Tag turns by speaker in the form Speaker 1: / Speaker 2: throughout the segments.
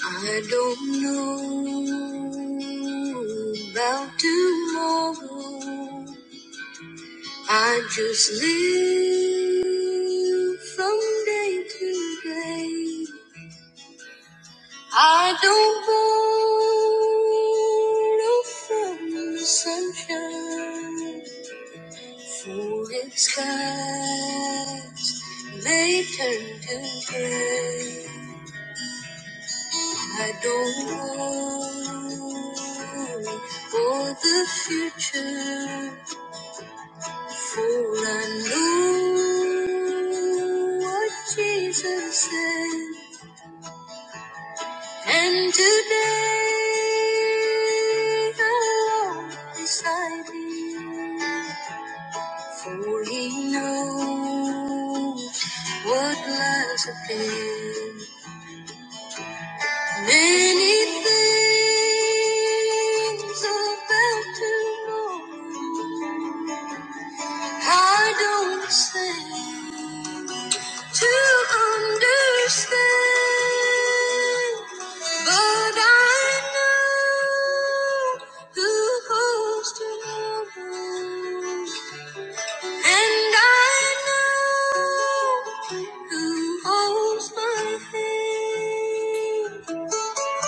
Speaker 1: I don't know about tomorrow. I just live from day to day. I don't borrow from the sunshine, for its skies may turn to gray. I don't worry for the future, for I know what Jesus said. And today I walk beside Him, for He knows what lies ahead. Many things about tomorrow I don't seem to understand, but I know who holds tomorrow, and I know who holds my hand.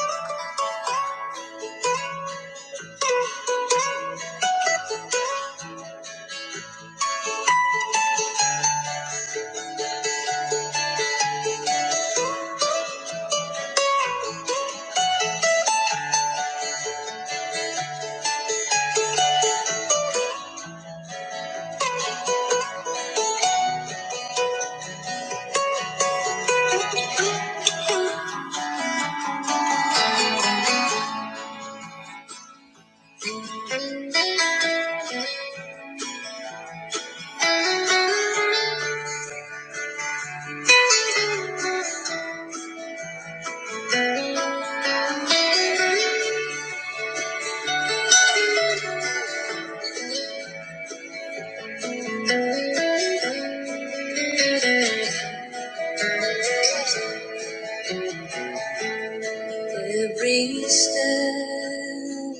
Speaker 1: Every step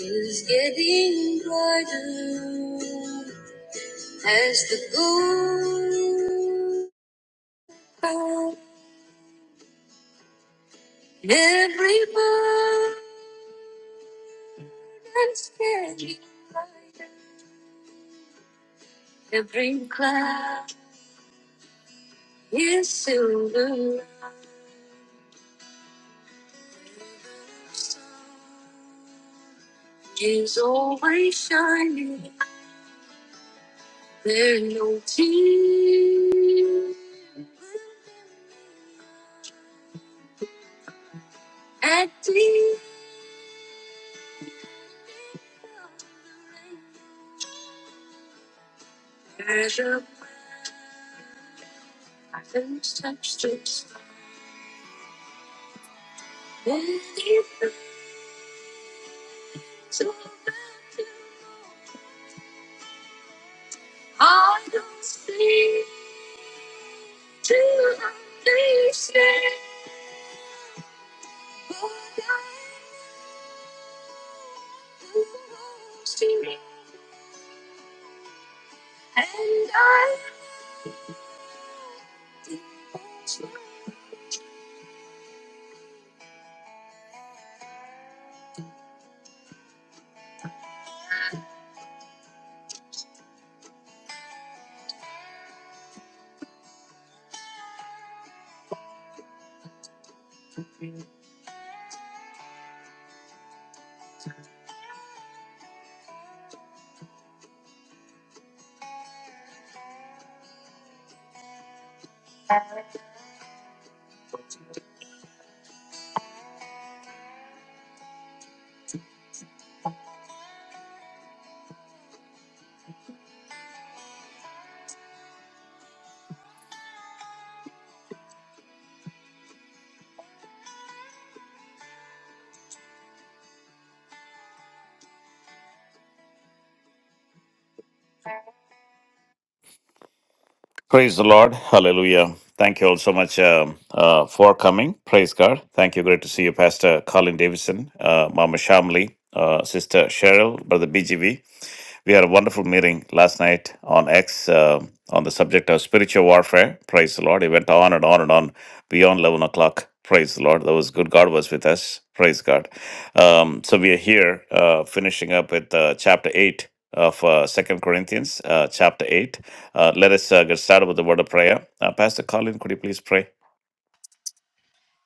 Speaker 1: is getting brighter as the gold. Every moment is getting brighter. Every cloud is silver. Is always shining. There are no tears at the Praise the Lord. Hallelujah. Thank you all so much um uh, for coming. Praise God. Thank you. Great to see you, Pastor Colin Davidson, uh, Mama Shamli, uh, Sister Cheryl, Brother BGV. We had a wonderful meeting last night on X uh, on the subject of spiritual warfare. Praise the Lord. It went on and on and on beyond 11 o'clock. Praise the Lord. That was good. God was with us. Praise God. Um, so we are here uh, finishing up with uh, chapter 8 of uh, 2 Corinthians, uh, chapter 8. Uh, let us uh, get started with the word of prayer. Uh, Pastor Colin, could you please pray?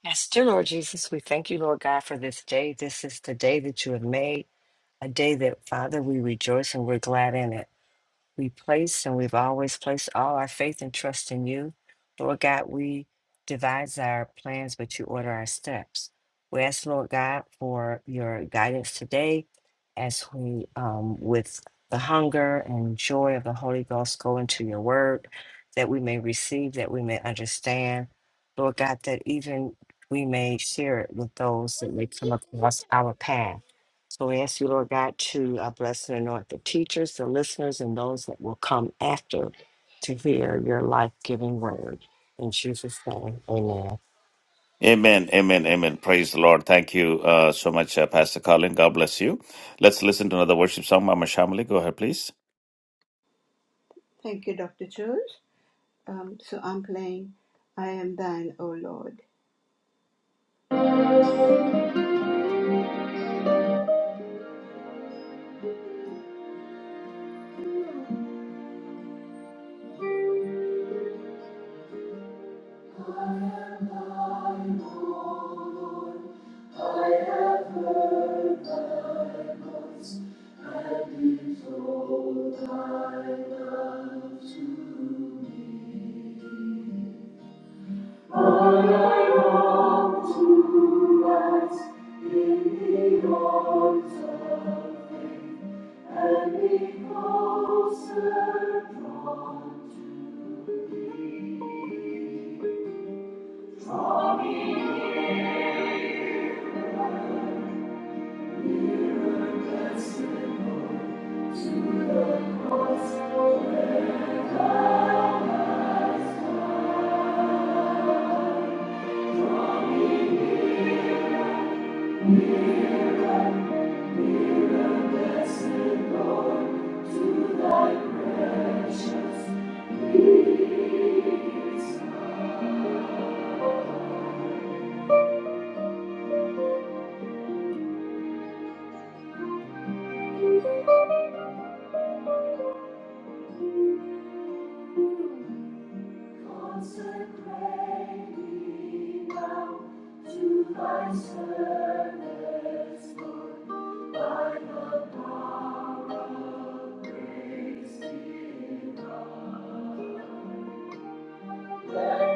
Speaker 2: Yes, dear Lord Jesus, we thank you, Lord God, for this day. This is the day that you have made, a day that, Father, we rejoice and we're glad in it we place and we've always placed all our faith and trust in you. Lord God, we devise our plans, but you order our steps. We ask, Lord God, for your guidance today as we, um, with the hunger and joy of the Holy Ghost, go into your word that we may receive, that we may understand. Lord God, that even we may share it with those that may come across our path. So we ask you, Lord God, to uh, bless and anoint the teachers, the listeners, and those that will come after to hear your life giving word. In Jesus' name, amen.
Speaker 1: Amen, amen, amen. Praise the Lord. Thank you uh, so much, uh, Pastor Colin. God bless you. Let's listen to another worship song. Mama Shamali, go ahead, please.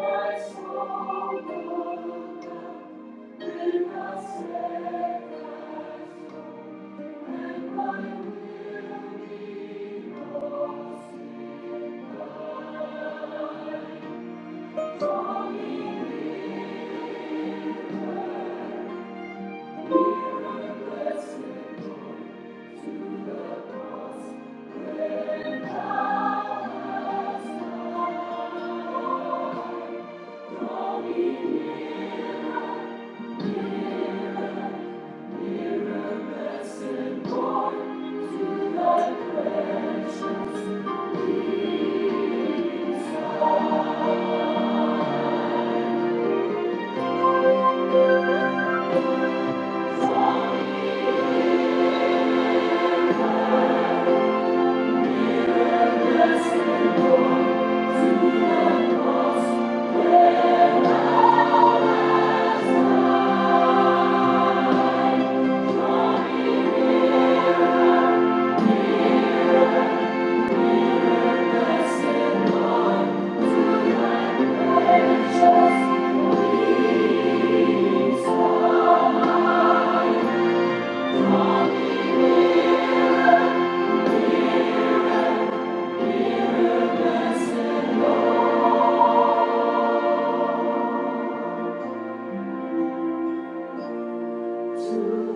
Speaker 3: To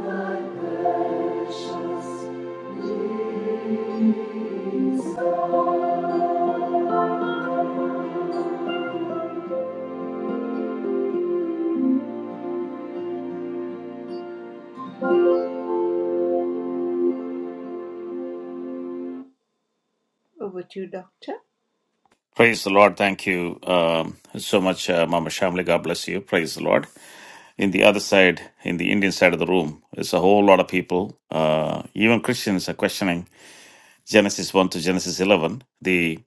Speaker 3: thy precious
Speaker 1: Praise the Lord. Thank you um, so much, uh, Mama Shamli. God bless you. Praise the Lord. In the other side, in the Indian side of the room, there's a whole lot of people. Uh, even Christians are questioning Genesis 1 to Genesis 11, the,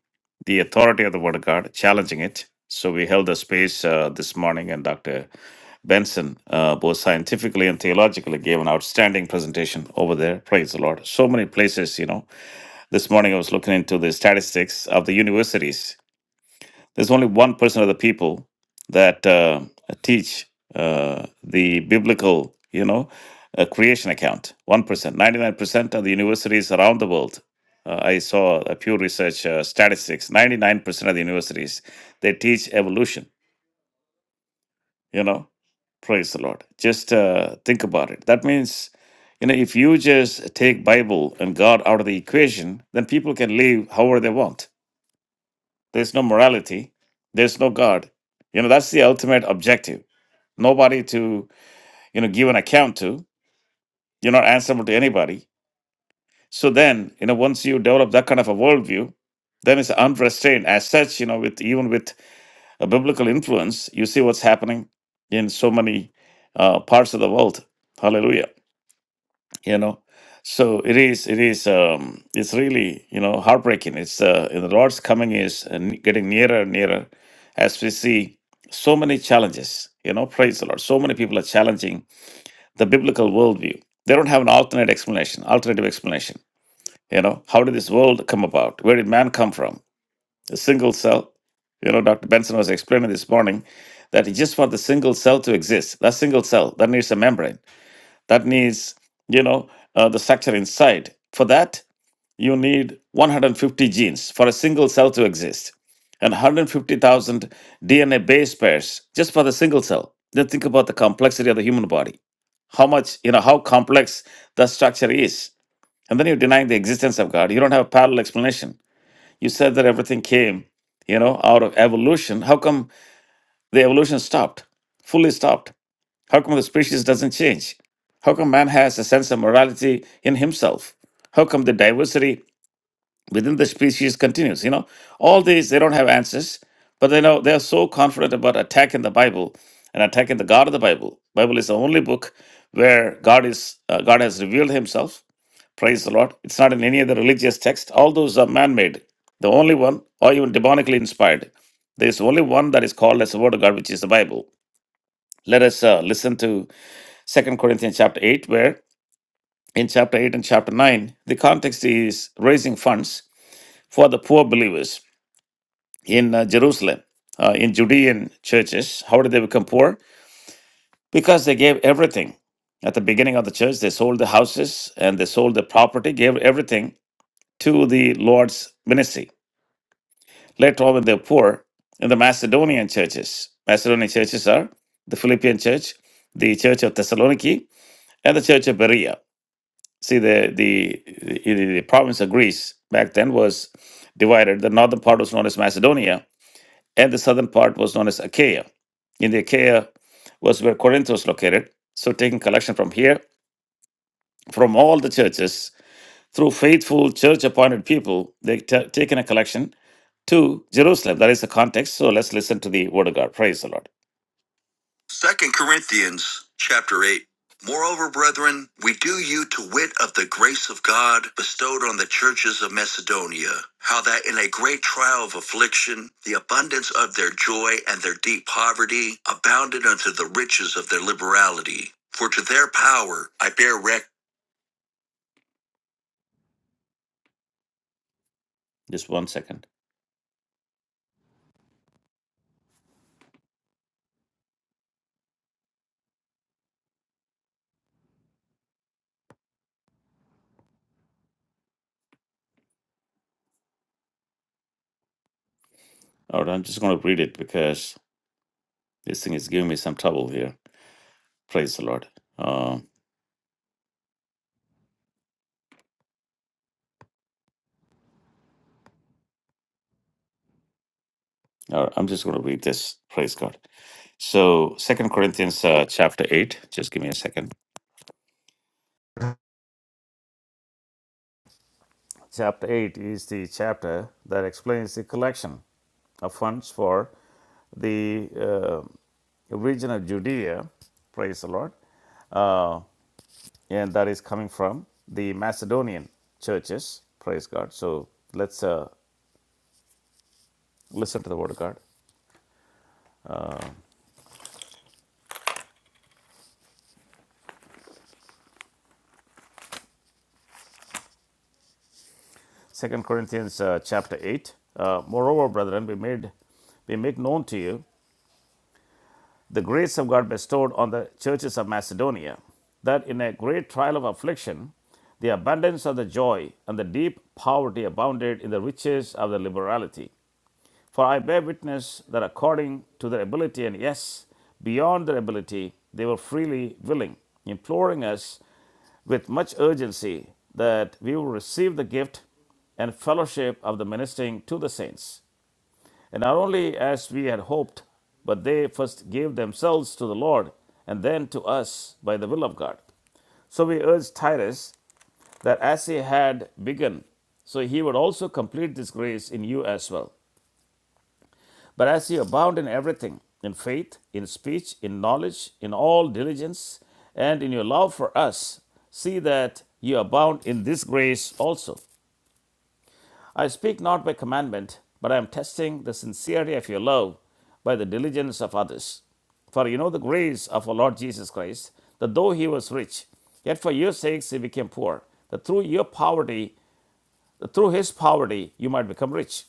Speaker 1: the authority of the Word of God, challenging it. So we held a space uh, this morning, and Dr. Benson, uh, both scientifically and theologically, gave an outstanding presentation over there. Praise the Lord. So many places, you know. This morning I was looking into the statistics of the universities there's only 1% of the people that uh, teach uh, the biblical, you know, uh, creation account. 1%. 99% of the universities around the world. Uh, I saw a Pew Research uh, statistics. 99% of the universities, they teach evolution, you know. Praise the Lord. Just uh, think about it. That means you know if you just take bible and god out of the equation then people can live however they want there's no morality. There's no God. You know, that's the ultimate objective. Nobody to, you know, give an account to. You're not answerable to anybody. So then, you know, once you develop that kind of a worldview, then it's unrestrained. As such, you know, with even with a biblical influence, you see what's happening in so many uh, parts of the world. Hallelujah. you know so it is it is um it's really you know heartbreaking it's uh the lord's coming is uh, n- getting nearer and nearer as we see so many challenges you know praise the lord so many people are challenging the biblical worldview they don't have an alternate explanation alternative explanation you know how did this world come about where did man come from a single cell you know dr benson was explaining this morning that just for the single cell to exist that single cell that needs a membrane that needs, you know, uh, the structure inside. For that, you need 150 genes for a single cell to exist and 150,000 DNA base pairs just for the single cell. Then think about the complexity of the human body. How much, you know, how complex the structure is. And then you're denying the existence of God. You don't have a parallel explanation. You said that everything came, you know, out of evolution. How come the evolution stopped? Fully stopped. How come the species doesn't change? How come man has a sense of morality in himself? How come the diversity within the species continues? You know, all these they don't have answers, but they know they are so confident about attacking the Bible and attacking the God of the Bible. Bible is the only book where God is uh, God has revealed Himself. Praise the Lord! It's not in any other religious text. All those are man-made. The only one, or even demonically inspired, there is only one that is called as the Word of God, which is the Bible. Let us uh, listen to Second Corinthians chapter 8, where in chapter 8 and chapter 9, the context is raising funds for the poor believers in uh, Jerusalem, uh, in Judean churches. How did they become poor? Because they gave everything. At the beginning of the church, they sold the houses and they sold the property, gave everything to the Lord's ministry. Later on, when they were poor, in the Macedonian churches, Macedonian churches are the Philippian church, the church of Thessaloniki, and the church of Berea See, the, the the the province of Greece back then was divided. The northern part was known as Macedonia, and the southern part was known as Achaia. In the Achaia was where Corinth was located. So, taking collection from here, from all the churches, through faithful church-appointed people, they t- taken a collection to Jerusalem. That is the context. So, let's listen to the word of God. Praise the Lord. Second Corinthians chapter 8. Moreover, brethren, we do you to wit of the grace of God bestowed on the churches of Macedonia, how that in a great trial of affliction, the abundance of their joy and their deep poverty abounded unto the riches of their liberality. For to their power I bear record. Just one second. All right, I'm just going to read it because this thing is giving me some trouble here. Praise the Lord. Uh, Or I'm just going to read this. Praise God. So, Second Corinthians uh, chapter eight. Just give me a second. Chapter eight is the chapter that explains the collection of funds for the uh, region of Judea. Praise the Lord, uh, and that is coming from the Macedonian churches. Praise God. So let's uh, listen to the word of God. Second Corinthians uh, chapter eight. Uh, Moreover, brethren, we made we make known to you the grace of God bestowed on the churches of Macedonia, that in a great trial of affliction, the abundance of the joy and the deep poverty abounded in the riches of the liberality. For I bear witness that according to their ability, and yes, beyond their ability, they were freely willing, imploring us with much urgency that we will receive the gift and fellowship of the ministering to the saints. And not only as we had hoped, but they first gave themselves to the Lord and then to us by the will of God. So we urge Titus that as he had begun, so he would also complete this grace in you as well. But as you abound in everything, in faith, in speech, in knowledge, in all diligence, and in your love for us, see that you abound in this grace also. I speak not by commandment, but I am testing the sincerity of your love by the diligence of others. For you know the grace of our Lord Jesus Christ, that though he was rich, yet for your sakes he became poor, that through your poverty, that through his poverty you might become rich.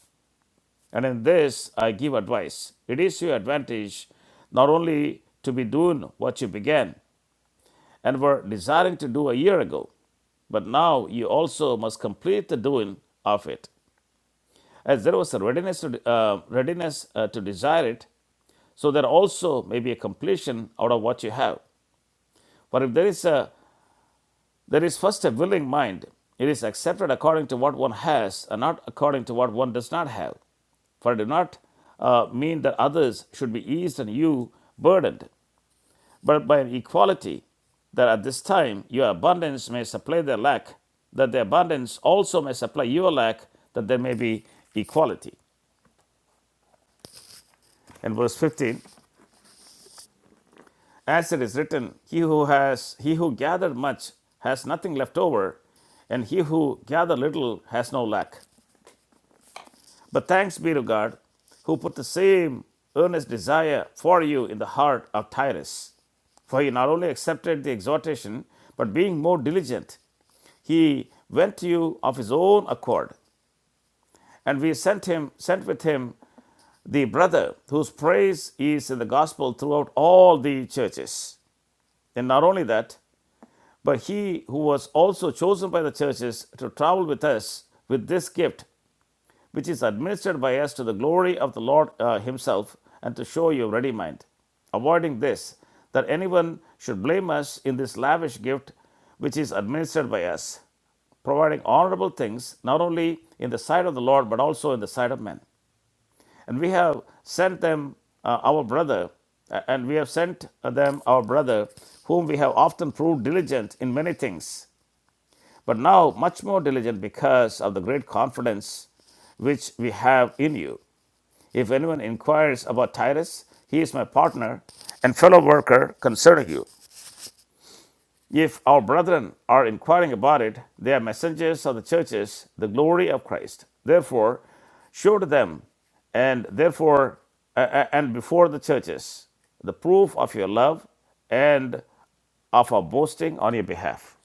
Speaker 1: And in this I give advice. It is to your advantage not only to be doing what you began and were desiring to do a year ago, but now you also must complete the doing of it. as there was a readiness to, uh, readiness uh, to desire it so there also may be a completion out of what you have for if there is a there is first a willing mind it is accepted according to what one has and not according to what one does not have for it do not uh, mean that others should be eased and you burdened, but by an equality that at this time your abundance may supply their lack, that their abundance also may supply your lack, that there may be equality. And verse 15 As it is written, he who has he who gathered much has nothing left over, and he who gathered little has no lack. But thanks be to God, who put the same earnest desire for you in the heart of Tyrus. For he not only accepted the exhortation, but being more diligent, he went to you of his own accord. And we sent him sent with him the brother whose praise is in the gospel throughout all the churches. And not only that, But he who was also chosen by the churches to travel with us with this gift, which is administered by us to the glory of the Lord uh, Himself, and to show you ready mind, avoiding this, that anyone should blame us in this lavish gift which is administered by us, providing honorable things not only in the sight of the Lord but also in the sight of men. And we have sent them uh, our brother, uh, and we have sent them our brother, whom we have often proved diligent in many things but now much more diligent because of the great confidence which we have in you. If anyone inquires about Titus, he is my partner and fellow worker concerning you. If our brethren are inquiring about it, they are messengers of the churches, the glory of Christ. Therefore, show to them, and therefore, a- a- and before the churches, the proof of your love and of our boasting on your behalf.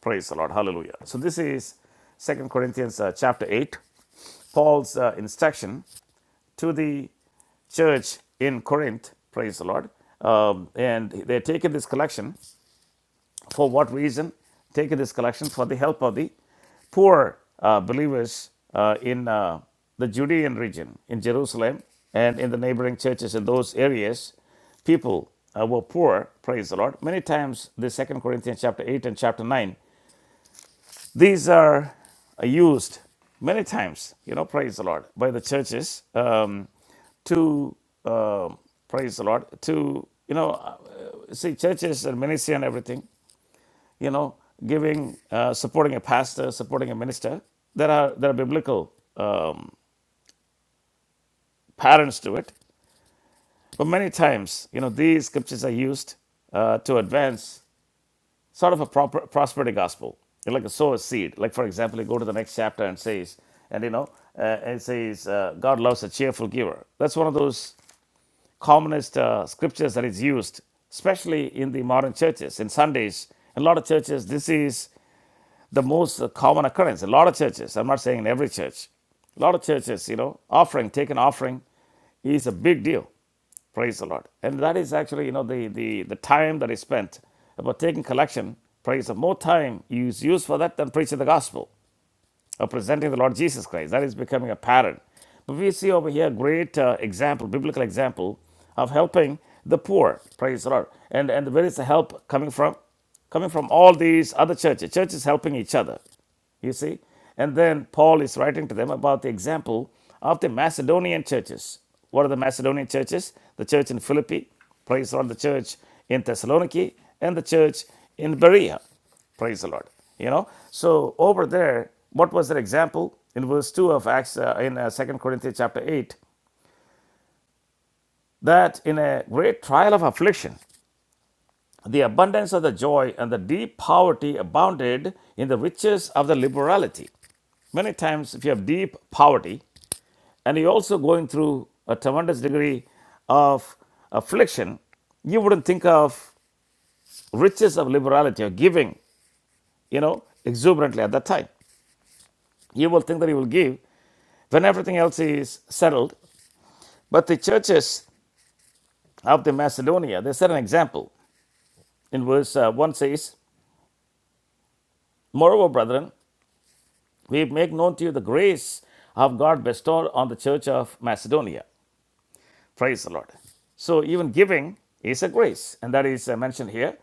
Speaker 1: Praise the Lord. Hallelujah. So this is Second Corinthians uh, chapter 8, Paul's uh, instruction to the church in Corinth. Praise the Lord. Um, and they're taking this collection for what reason? Taking this collection for the help of the poor uh, believers uh, in uh, the Judean region, in Jerusalem, and in the neighboring churches in those areas people uh, were poor, praise the Lord. Many times, the Second Corinthians chapter 8 and chapter 9 These are uh, used many times, you know, praise the Lord, by the churches um, to, uh, praise the Lord, to, you know, uh, see churches and ministry and everything, you know, giving, uh, supporting a pastor, supporting a minister. There are, there are biblical um, patterns to it. But many times, you know, these scriptures are used uh, to advance sort of a proper, prosperity gospel, You're like a sow a seed. Like, for example, you go to the next chapter and says, and you know, uh, it says, uh, God loves a cheerful giver. That's one of those commonest uh, scriptures that is used, especially in the modern churches. In Sundays, a lot of churches, this is the most uh, common occurrence. A lot of churches, I'm not saying in every church, a lot of churches, you know, offering, taking offering is a big deal. Praise the Lord. And that is actually, you know, the, the, the time that is spent about taking collection. Praise the Lord. more time is used for that than preaching the gospel or presenting the Lord Jesus Christ. That is becoming a pattern. But we see over here a great uh, example, biblical example of helping the poor. Praise the Lord. And and where is the help coming from? Coming from all these other churches. Churches helping each other. You see? And then Paul is writing to them about the example of the Macedonian churches. What are the Macedonian churches? The church in Philippi, praise the Lord, the church in Thessaloniki, and the church in Berea, praise the Lord. You know, so over there, what was their example? In verse 2 of Acts, uh, in uh, 2 Corinthians chapter 8, that in a great trial of affliction, the abundance of the joy and the deep poverty abounded in the riches of the liberality. Many times, if you have deep poverty, and you're also going through a tremendous degree of affliction, you wouldn't think of riches of liberality or giving, you know, exuberantly at that time. You will think that you will give when everything else is settled. But the churches of the Macedonia, they set an example. In verse uh, 1 says, Moreover, brethren, we make known to you the grace of God bestowed on the church of Macedonia. Praise the Lord. So even giving is a grace, and that is uh, mentioned here.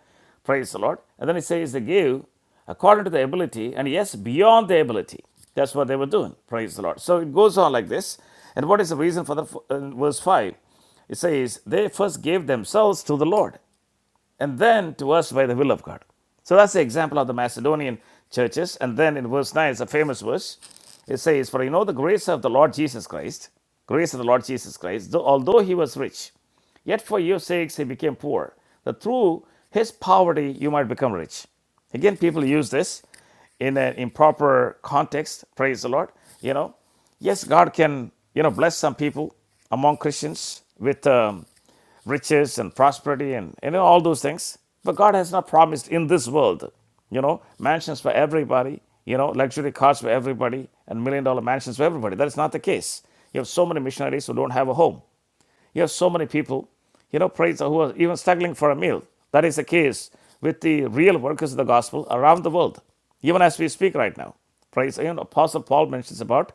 Speaker 1: Praise the Lord. And then it says they give according to the ability, and yes, beyond the ability. That's what they were doing. Praise the Lord. So it goes on like this. And what is the reason for the uh, verse five? It says they first gave themselves to the Lord and then to us by the will of God. So that's the example of the Macedonian churches. And then in verse 9, it's a famous verse. It says, For you know the grace of the Lord Jesus Christ, grace of the Lord Jesus Christ, though, although he was rich, yet for your sakes he became poor, that through his poverty you might become rich. Again, people use this in an improper context. Praise the Lord. You know, yes, God can, you know, bless some people among Christians with. Um, riches and prosperity and you know all those things. But God has not promised in this world, you know, mansions for everybody, you know, luxury cars for everybody, and million dollar mansions for everybody. That is not the case. You have so many missionaries who don't have a home. You have so many people, you know, praise who are even struggling for a meal. That is the case with the real workers of the gospel around the world, even as we speak right now. Praise, you know, Apostle Paul mentions about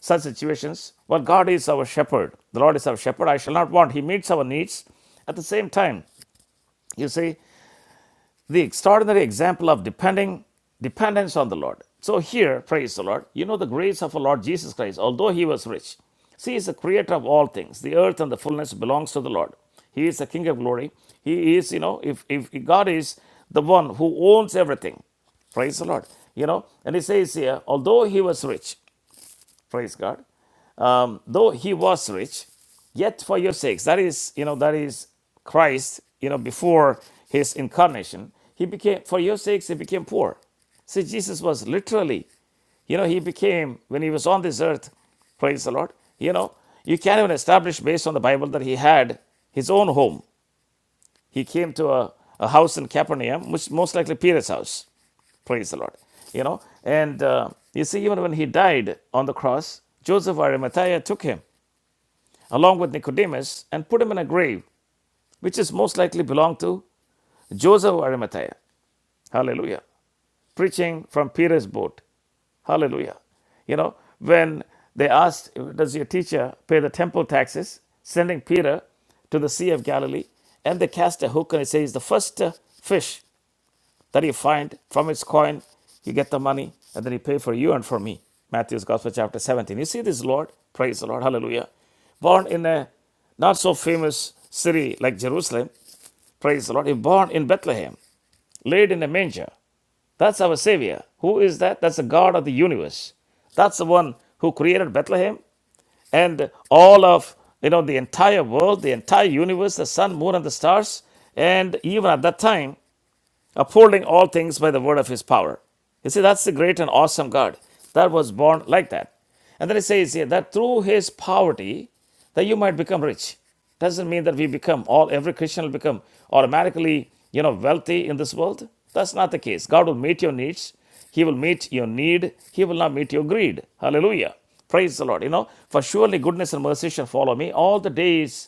Speaker 1: such situations. Well, God is our shepherd. The Lord is our shepherd. I shall not want. He meets our needs. At the same time, you see, the extraordinary example of depending dependence on the Lord. So here, praise the Lord, you know the grace of our Lord Jesus Christ, although he was rich. See, he is the creator of all things. The earth and the fullness belongs to the Lord. He is the King of glory. He is, you know, if, if God is the one who owns everything, praise the Lord, you know, and he says here, although he was rich, praise God, though he was rich, yet for your sakes, that is, you know, that is Christ, you know, before his incarnation, he became, for your sakes, he became poor. See, Jesus was literally, you know, he became, when he was on this earth, praise the Lord, you know, you can't even establish based on the Bible that he had his own home. He came to a, a house in Capernaum, which most likely Peter's house, praise the Lord, you know, and uh, you see, even when he died on the cross, Joseph or Arimathea took him along with Nicodemus and put him in a grave, which is most likely belonged to Joseph of Arimathea. Hallelujah. Preaching from Peter's boat. Hallelujah. You know, when they asked, Does your teacher pay the temple taxes? sending Peter to the Sea of Galilee, and they cast a hook and it says, The first uh, fish that you find from its coin, you get the money, and then you pay for you and for me. Matthew's Gospel, chapter 17. You see this, Lord? Praise the Lord. Hallelujah. Born in a not so famous city like Jerusalem. Praise the Lord. He born in Bethlehem, laid in a manger. That's our Savior. Who is that? That's the God of the universe. That's the one who created Bethlehem and all of you know the entire world, the entire universe, the sun, moon, and the stars. And even at that time, upholding all things by the word of his power. You see, that's the great and awesome God that was born like that. And then he says here that through his poverty, that you might become rich. Doesn't mean that we become all every Christian will become automatically, you know, wealthy in this world. That's not the case. God will meet your needs. He will meet your need. He will not meet your greed. Hallelujah. Praise the Lord. You know, for surely goodness and mercy shall follow me all the days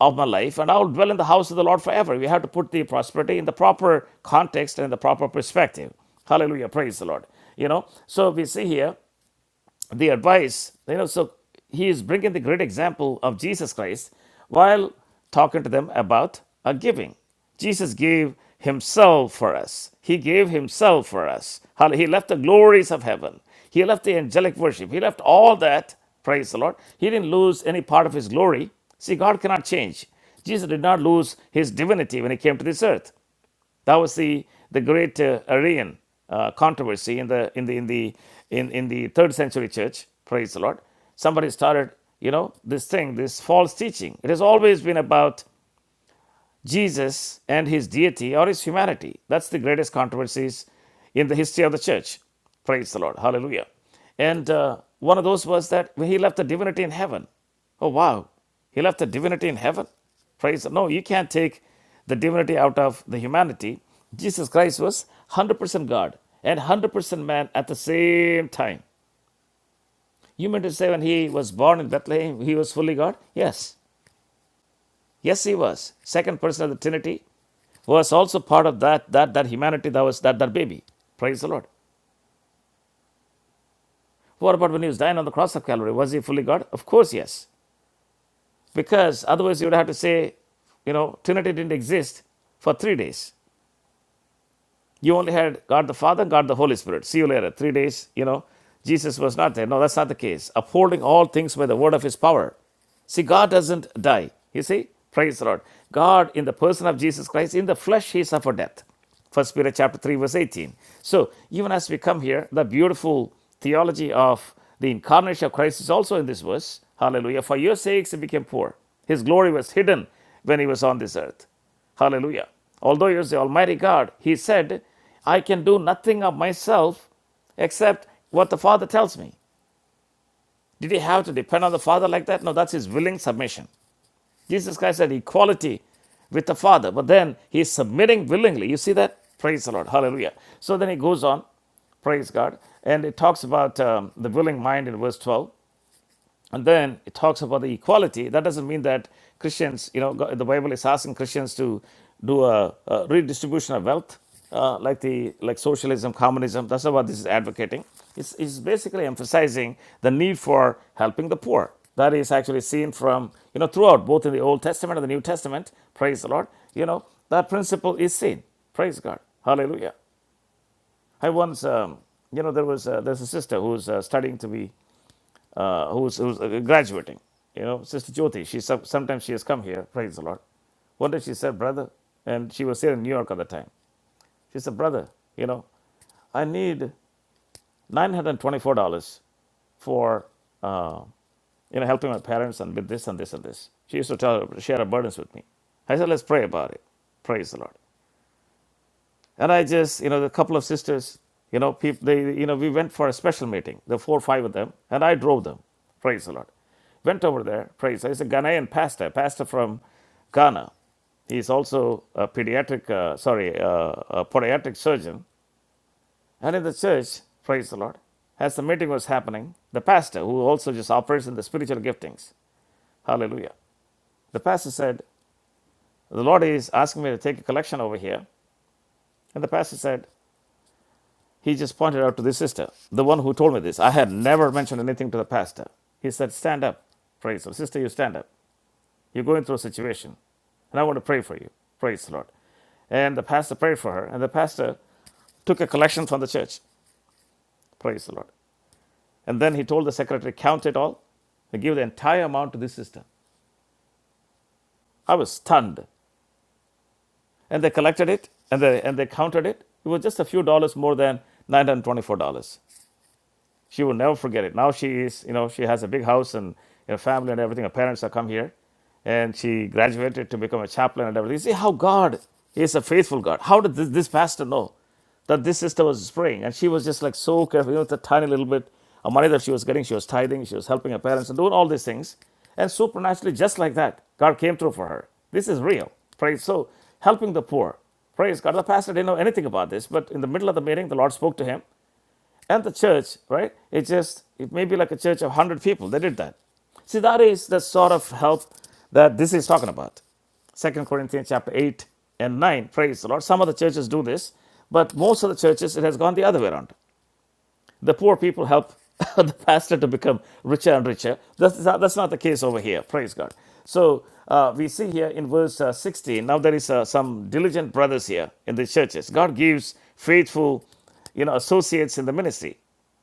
Speaker 1: of my life, and I will dwell in the house of the Lord forever. We have to put the prosperity in the proper context and the proper perspective. Hallelujah. Praise the Lord. You know, so we see here the advice, you know, so he is bringing the great example of Jesus Christ while talking to them about a giving. Jesus gave himself for us. He gave himself for us. Hall- He left the glories of heaven. He left the angelic worship. He left all that. Praise the Lord. He didn't lose any part of his glory. See, God cannot change. Jesus did not lose his divinity when he came to this earth. That was the the great uh, Arian uh, controversy in the in the in the in, in the third century church. Praise the Lord. Somebody started, you know, this thing, this false teaching. It has always been about Jesus and his deity or his humanity. That's the greatest controversies in the history of the church. Praise the Lord. Hallelujah. And uh, one of those was that when he left the divinity in heaven. Oh, wow. He left the divinity in heaven. Praise the Lord. No, you can't take the divinity out of the humanity. Jesus Christ was 100% God and 100% man at the same time. You meant to say when he was born in Bethlehem, he was fully God? Yes. Yes, he was. Second person of the Trinity, was also part of that, that, that humanity that was that, that baby. Praise the Lord. What about when he was dying on the cross of Calvary? Was he fully God? Of course, yes. Because otherwise you would have to say, you know, Trinity didn't exist for three days. You only had God the Father and God the Holy Spirit. See you later. Three days, you know, Jesus was not there. No, that's not the case. Upholding all things by the word of his power. See, God doesn't die. You see? Praise the Lord. God, in the person of Jesus Christ, in the flesh, he suffered death. First Peter chapter 3, verse 18. So, even as we come here, the beautiful theology of the incarnation of Christ is also in this verse. Hallelujah. For your sakes, he became poor. His glory was hidden when he was on this earth. Hallelujah. Although he is the Almighty God, he said, I can do nothing of myself except what the Father tells me. Did he have to depend on the Father like that? No, that's his willing submission. Jesus Christ had equality with the Father, but then he is submitting willingly. You see that? Praise the Lord. Hallelujah. So then he goes on, praise God, and it talks about um, the willing mind in verse 12 and then it talks about the equality that doesn't mean that christians you know go- the bible is asking christians to do a, a redistribution of wealth uh, like the like socialism communism that's not what this is advocating it's, it's basically emphasizing the need for helping the poor that is actually seen from you know throughout both in the old testament and the new testament praise the lord you know that principle is seen praise god hallelujah i once um, you know there was uh, there's a sister who's uh, studying to be who's, who's uh, graduating. You know, Sister Jyoti, she some, sometimes she has come here, praise the Lord. One day she said, Brother, and she was here in New York at the time. She said, Brother, you know, I need $924 for, uh, you know, helping my parents and with this and this and this. She used to tell share her burdens with me. I said, Let's pray about it. Praise the Lord. And I just, you know, a couple of sisters, you know, people, they, you know, we went for a special meeting, the four or five of them, and I drove them. Praise the Lord. Went over there, praise. He's a Ghanaian pastor, pastor from Ghana. He's also a pediatric, uh, sorry, uh, a podiatric surgeon. And in the church, praise the Lord, as the meeting was happening, the pastor, who also just operates in the spiritual giftings, hallelujah, the pastor said, The Lord is asking me to take a collection over here. And the pastor said, He just pointed out to the sister, the one who told me this. I had never mentioned anything to the pastor. He said, Stand up. Praise the Lord. Sister, you stand up. You're going through a situation, and I want to pray for you. Praise the Lord. And the pastor prayed for her, and the pastor took a collection from the church. Praise the Lord. And then he told the secretary, Count it all and give the entire amount to this sister. I was stunned. And they collected it, and they, and they counted it. It was just a few dollars more than $924. She will never forget it. Now she is, you know, she has a big house and her family and everything. Her parents have come here, and she graduated to become a chaplain and everything. See how God is a faithful God. How did this, this pastor know that this sister was praying? And she was just like so careful. You know, the tiny little bit of money that she was getting, she was tithing, she was helping her parents and doing all these things. And supernaturally, just like that, God came through for her. This is real. Praise. So helping the poor. Praise God. The pastor didn't know anything about this, but in the middle of the meeting, the Lord spoke to him and the church, right? It just it may be like a church of one hundred people. They did that. See, that is the sort of help that this is talking about. Second Corinthians chapter eight and nine. Praise the Lord. Some of the churches do this, but most of the churches it has gone the other way around. The poor people help the pastor to become richer and richer. That's not, that's not the case over here. Praise God. So uh, we see here in verse uh, 16. Now there is uh, some diligent brothers here in the churches. God gives faithful you know, associates in the ministry.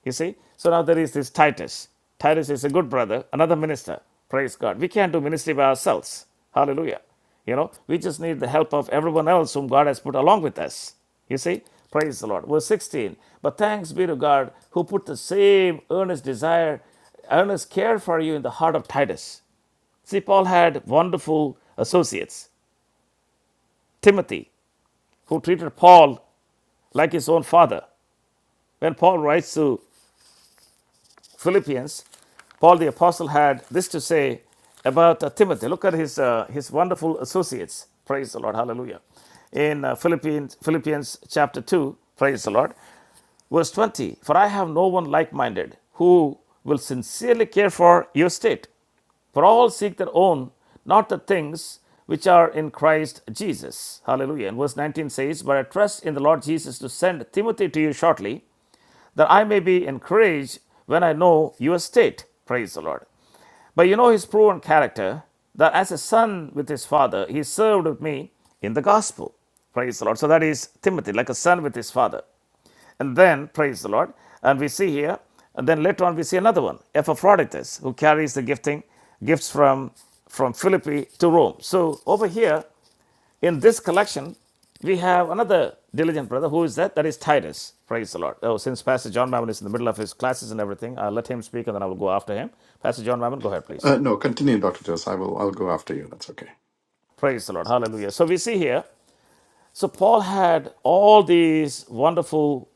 Speaker 1: You see? So now there is this Titus. Titus is a good brother, another minister. Praise God. We can't do ministry by ourselves. Hallelujah. You know, we just need the help of everyone else whom God has put along with us. You see? Praise the Lord. Verse 16. But thanks be to God who put the same earnest desire, earnest care for you in the heart of Titus. See, Paul had wonderful associates. Timothy, who treated Paul like his own father. When Paul writes to Philippians, Paul the Apostle had this to say about uh, Timothy. Look at his, uh, his wonderful associates. Praise the Lord. Hallelujah. In uh, Philippians, Philippians chapter 2, praise the Lord, verse 20 For I have no one like minded who will sincerely care for your state. For all seek their own, not the things which are in Christ Jesus. Hallelujah. And verse 19 says, But I trust in the Lord Jesus to send Timothy to you shortly, that I may be encouraged when I know your state. Praise the Lord. But you know his proven character that as a son with his father, he served with me in the gospel. Praise the Lord. So that is Timothy, like a son with his father. And then, praise the Lord, and we see here, and then later on we see another one, Epaphroditus, who carries the gifting, gifts from, from Philippi to Rome. So over here in this collection, we have another diligent brother. Who is that? That is Titus. Praise the Lord. Oh, since Pastor John Mammon is in the middle of his classes and everything, I'll let him speak and then I will go after him. Pastor John Mammon, go ahead, please.
Speaker 4: Uh, no, continue, Dr. Jose. I will, I'll go after you. That's okay.
Speaker 1: Praise the Lord. Hallelujah. So we see here, so Paul had all these wonderful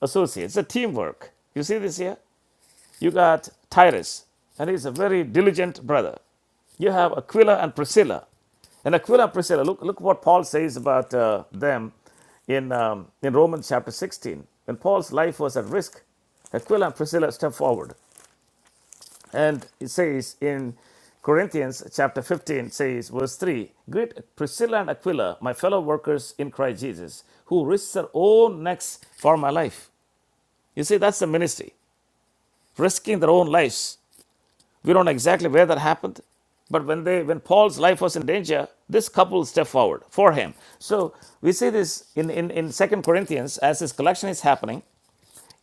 Speaker 1: associates, It's a teamwork. You see this here? You got Tyrus, and he's a very diligent brother. You have Aquila and Priscilla. And Aquila and Priscilla, look, look what Paul says about uh, them in, um, in Romans chapter 16. When Paul's life was at risk, Aquila and Priscilla stepped forward And it says in Corinthians chapter 15, says, verse 3 Greet Priscilla and Aquila, my fellow workers in Christ Jesus, who risked their own necks for my life. You see, that's the ministry, risking their own lives. We don't know exactly where that happened, but when they when Paul's life was in danger, this couple stepped forward for him. So we see this in, in, in Second Corinthians as this collection is happening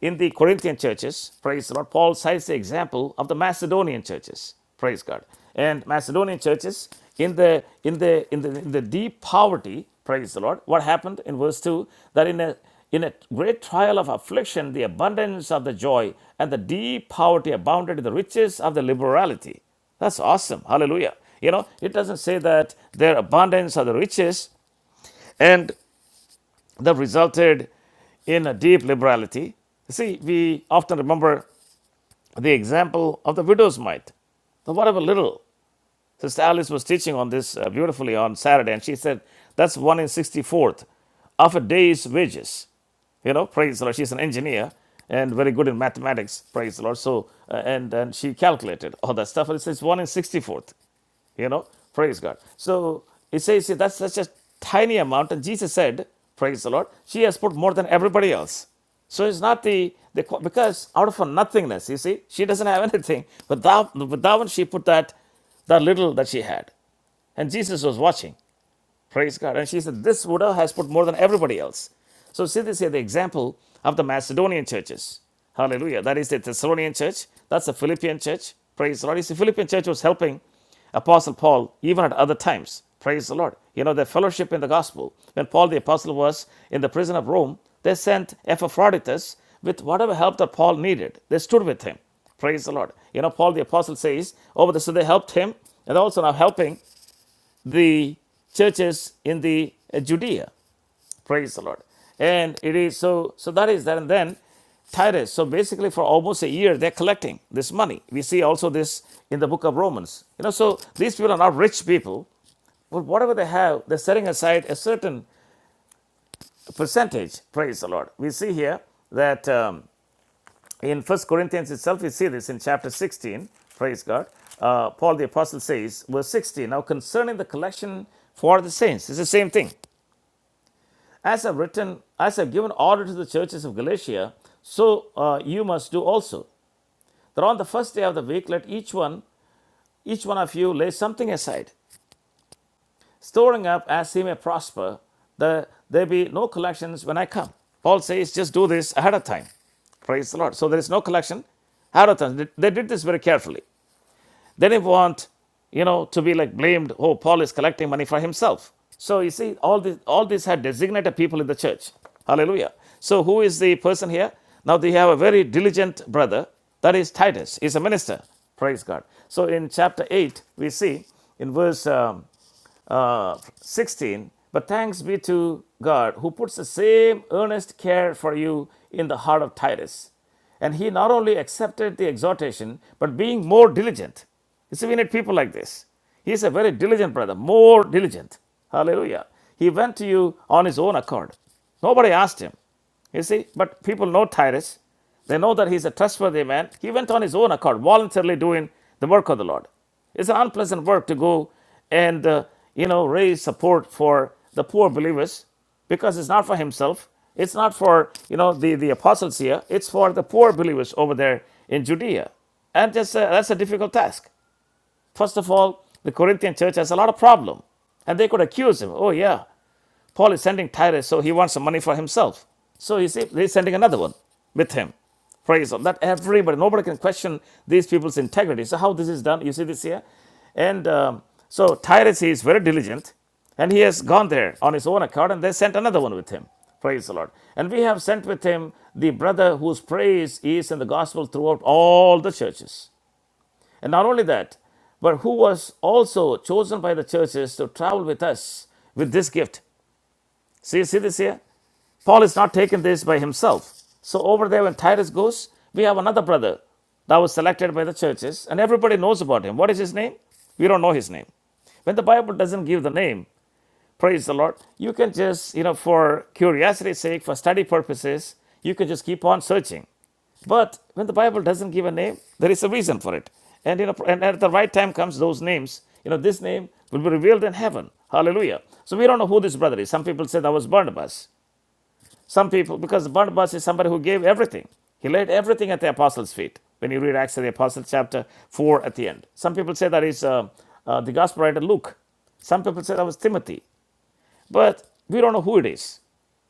Speaker 1: in the Corinthian churches, praise the Lord, Paul cites the example of the Macedonian churches, praise God. And Macedonian churches in the in the in the, in the deep poverty, praise the Lord. What happened in verse two? That in a in a great trial of affliction, the abundance of the joy and the deep poverty abounded in the riches of the liberality. That's awesome. Hallelujah. You know, it doesn't say that their abundance are the riches. and that resulted in a deep liberality. See, we often remember the example of the widow's mite, the whatever little. Sister Alice was teaching on this uh, beautifully on Saturday, and she said that's one in 64th of a day's wages. You know, praise the Lord. She's an engineer and very good in mathematics, praise the Lord. So, uh, and, and she calculated all that stuff, and it says one in 64th. You know, praise God. So he says that's such a tiny amount, and Jesus said, "Praise the Lord." She has put more than everybody else. So it's not the, the because out of her nothingness, you see, she doesn't have anything. But thou, but thou, when she put that, that little that she had, and Jesus was watching. Praise God. And she said, This Buddha has put more than everybody else. So see this here, the example of the Macedonian churches. Hallelujah. That is the Thessalonian church. That's the Philippian church. Praise the Lord. You see, the Philippian church was helping Apostle Paul even at other times. Praise the Lord. You know, their fellowship in the gospel. When Paul the Apostle was in the prison of Rome, they sent Epaphroditus with whatever help that Paul needed. They stood with him. Praise the Lord. You know, Paul the Apostle says, Oh, so they helped him and also now helping the churches in the uh, Judea. Praise the Lord. And it is so, so that is that. And then Titus, so basically for almost a year, they're collecting this money. We see also this in the book of Romans. You know, so these people are not rich people, but whatever they have, they're setting aside a certain percentage. Praise the Lord. We see here that um, in First Corinthians itself, we see this in chapter 16. Praise God. Uh, Paul the Apostle says, verse 16, now concerning the collection for the saints, it's the same thing. As I've written, as I've given order to the churches of Galatia, so uh, you must do also. That on the first day of the week, let each one, each one of you, lay something aside, storing up as he may prosper, that there be no collections when I come. Paul says, just do this ahead of time. Praise the Lord. So there is no collection ahead of time. They they did this very carefully. They didn't want, you know, to be like blamed, oh, Paul is collecting money for himself. So you see, all this all these had designated people in the church. Hallelujah. So who is the person here? Now they have a very diligent brother, that is Titus. He's a minister. Praise God. So in chapter 8, we see in verse um, uh, 16 but thanks be to god who puts the same earnest care for you in the heart of titus and he not only accepted the exhortation but being more diligent you see, we need people like this. He is a very diligent brother, more diligent. Hallelujah. He went to you on his own accord. Nobody asked him. You see, but people know Tyrus. They know that he's a trustworthy man. He went on his own accord, voluntarily doing the work of the Lord. It's an unpleasant work to go and, uh, you know, raise support for the poor believers because it's not for himself. It's not for, you know, the, the apostles here. It's for the poor believers over there in Judea. And just, uh, that's a difficult task. First of all, the Corinthian church has a lot of problem, and they could accuse him. Oh yeah, Paul is sending Tyrus, so he wants some money for himself. So you see, they're sending another one with him. Praise God. That everybody, nobody can question these people's integrity. So how this is done, you see this here, and um, so Tyrus is very diligent, and he has gone there on his own account, and they sent another one with him. Praise the Lord. And we have sent with him the brother whose praise is in the gospel throughout all the churches. And not only that, but who was also chosen by the churches to travel with us with this gift. See, see this here? Paul is not taking this by himself. So over there when Titus goes, we have another brother that was selected by the churches, and everybody knows about him. What is his name? We don't know his name. When the Bible doesn't give the name, praise the Lord, you can just, you know, for curiosity's sake, for study purposes, you can just keep on searching. But when the Bible doesn't give a name, there is a reason for it. And you know, and at the right time comes those names. You know, this name will be revealed in heaven. Hallelujah. So we don't know who this brother is. Some people say that was Barnabas. Some people, because Barnabas is somebody who gave everything. He laid everything at the apostles' feet. When you read Acts of the Apostles, chapter 4 at the end. Some people say that is uh, uh, the gospel writer Luke. Some people say that was Timothy. But we don't know who it is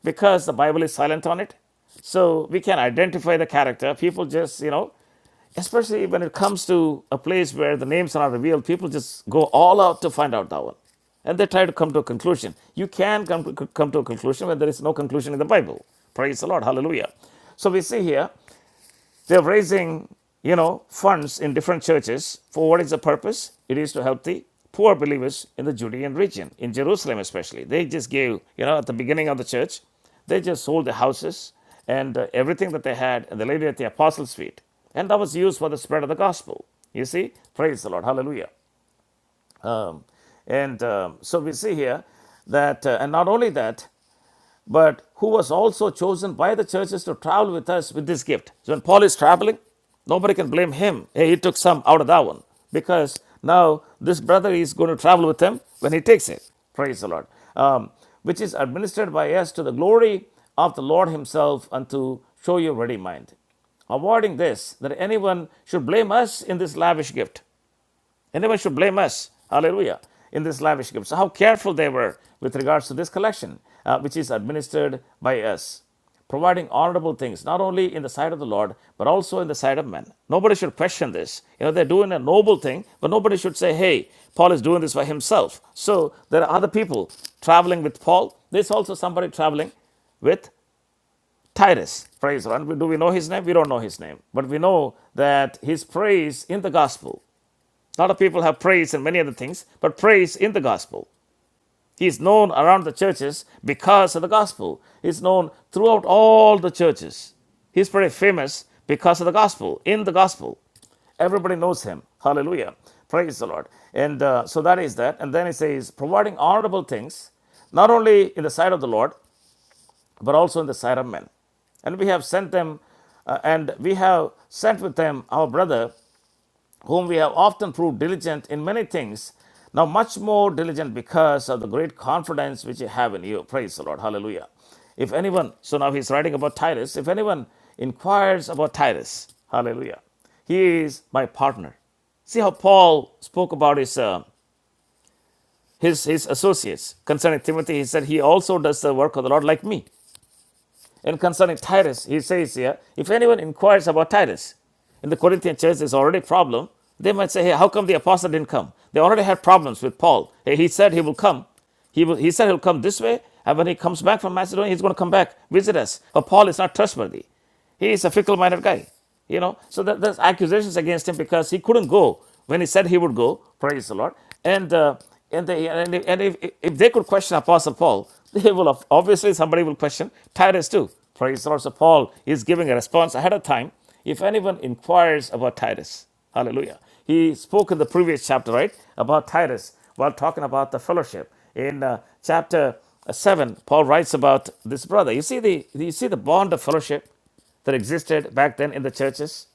Speaker 1: because the Bible is silent on it. So we can identify the character. People just, you know, especially when it comes to a place where the names are not revealed, people just go all out to find out that one. And they try to come to a conclusion. You can come, come to a conclusion when there is no conclusion in the Bible. Praise the Lord. Hallelujah. So we see here they're raising, you know, funds in different churches for what is the purpose? It is to help the poor believers in the Judean region, in Jerusalem especially. They just gave, you know, at the beginning of the church, they just sold the houses and uh, everything that they had, and they laid it at the apostles' feet. And that was used for the spread of the gospel. You see? Praise the Lord. Hallelujah. Um, and um, so we see here that, uh, and not only that, but who was also chosen by the churches to travel with us with this gift. So when Paul is traveling, nobody can blame him. Hey, he took some out of that one because now this brother is going to travel with him when he takes it. Praise the Lord. Um, which is administered by us to the glory of the Lord Himself and to show you ready mind. Avoiding this, that anyone should blame us in this lavish gift. And nobody should blame us, hallelujah, in this lavish gift. So, how careful they were with regards to this collection, uh, which is administered by us, providing honorable things, not only in the sight of the Lord, but also in the sight of men. Nobody should question this. You know, they're doing a noble thing, but nobody should say, hey, Paul is doing this by himself. So, there are other people traveling with Paul. There's also somebody traveling with Titus. Praise the Lord. Do we know his name? We don't know his name. But we know that his praise in the gospel a lot of people have praise and many other things, but praise in the gospel. He is known around the churches because of the gospel. He is known throughout all the churches. He is pretty famous because of the gospel, in the gospel. Everybody knows him. Hallelujah. Praise the Lord. And uh, so that is that. And then he says, providing honorable things, not only in the sight of the Lord, but also in the sight of men. And we have sent them, uh, and we have sent with them our brother whom we have often proved diligent in many things, now much more diligent because of the great confidence which you have in you. Praise the Lord. Hallelujah. If anyone, so now he's writing about Titus, if anyone inquires about Titus, hallelujah, he is my partner. See how Paul spoke about his, uh, his, his associates. Concerning Timothy, he said, He also does the work of the Lord like me. And concerning Titus, he says here, If anyone inquires about Titus, in the Corinthian church, there's already a problem. They might say, hey, how come the apostle didn't come? They already had problems with Paul. Hey, he said he will come. He, will, he said he'll come this way, and when he comes back from Macedonia, he's going to come back, visit us. But Paul is not trustworthy. He is a fickle minded guy. You know, so that, there's accusations against him because he couldn't go when he said he would go. Praise the Lord. And uh, and, they, and, if, and if, if they could question Apostle Paul, they will have- obviously somebody will question Titus too. Praise the Lord. So Paul is giving a response ahead of time if anyone inquires about Titus, hallelujah. He spoke in the previous chapter, right, about Titus while talking about the fellowship. In uh, chapter uh, 7, Paul writes about this brother. You see the you see the bond of fellowship that existed back then in the churches.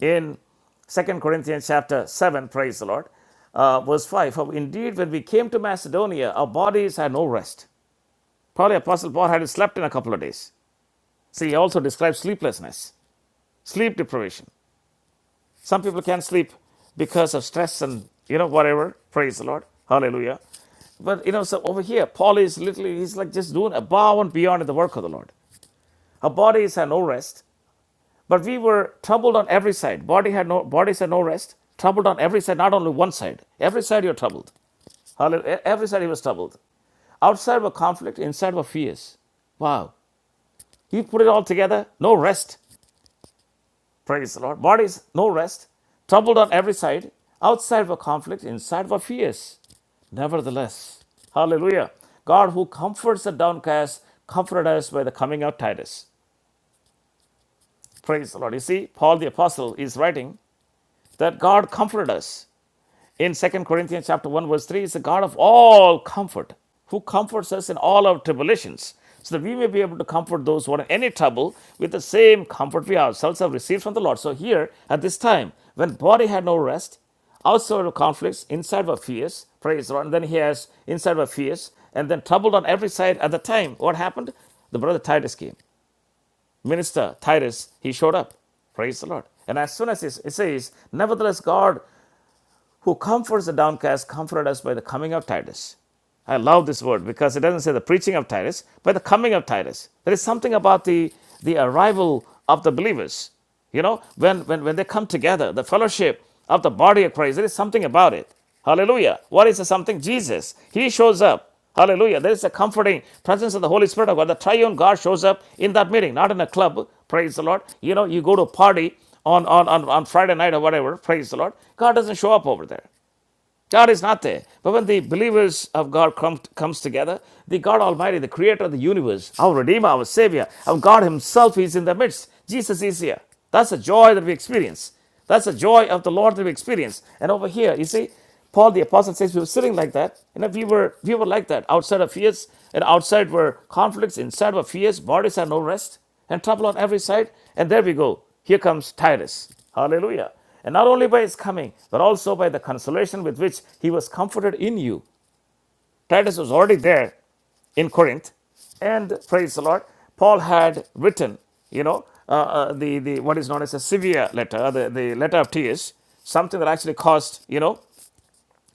Speaker 1: In Second Corinthians chapter 7, praise the Lord, uh, verse 5, for indeed when we came to Macedonia, our bodies had no rest. Probably Apostle Paul hadn't slept in a couple of days. See, he also describes sleeplessness, sleep deprivation. Some people can't sleep because of stress and you know whatever. Praise the Lord. Hallelujah. But you know, so over here, Paul is literally he's like just doing above and beyond in the work of the Lord. Our bodies had no rest, but we were troubled on every side. Body had no bodies had no rest, troubled on every side, not only one side. Every side you're troubled. Hallelujah. Every side he was troubled. Outside were conflict, inside were fears. Wow. He put it all together. No rest. Praise the Lord. Bodies, no rest. Troubled on every side. Outside were conflict, inside were fears. Nevertheless, hallelujah, God who comforts the downcast, comforted us by the coming of Titus. Praise the Lord. You see, Paul the Apostle is writing that God comforted us in Second Corinthians chapter 1 verse 3 is the God of all comfort who comforts us in all our tribulations so that we may be able to comfort those who are in any trouble with the same comfort we ourselves have received from the Lord. So here at this time when body had no rest outside were conflicts inside were fears praise the Lord and then he has inside were fears and then troubled on every side at the time what happened the brother Titus came minister Titus he showed up Praise the Lord. And as soon as he, it says, Nevertheless, God who comforts the downcast, comforted us by the coming of Titus. I love this word because it doesn't say the preaching of Titus, but the coming of Titus. There is something about the, the arrival of the believers. You know, when, when, when they come together, the fellowship of the body of Christ, there is something about it. Hallelujah. What is the something? Jesus. He shows up. Hallelujah. There is a comforting presence of the Holy Spirit of God. The triune God shows up in that meeting, not in a club. Praise the Lord. You know, you go to a party on, on, on, on Friday night or whatever. Praise the Lord. God doesn't show up over there. God is not there. But when the believers of God come, comes together, the God Almighty, the creator of the universe, our Redeemer, our Savior, our God Himself is in the midst. Jesus is here. That's the joy that we experience. That's the joy of the Lord that we experience. And over here, you see, Paul the Apostle says we were sitting like that. You know, we were we were like that. Outside of fears, and outside were conflicts, inside were fears, bodies had no rest, and trouble on every side. And there we go. Here comes Titus. Hallelujah. And not only by his coming, but also by the consolation with which he was comforted in you. Titus was already there in Corinth, and praise the Lord, Paul had written, you know, uh, uh, the, the what is known as a severe letter, the, the letter of tears, something that actually caused, you know,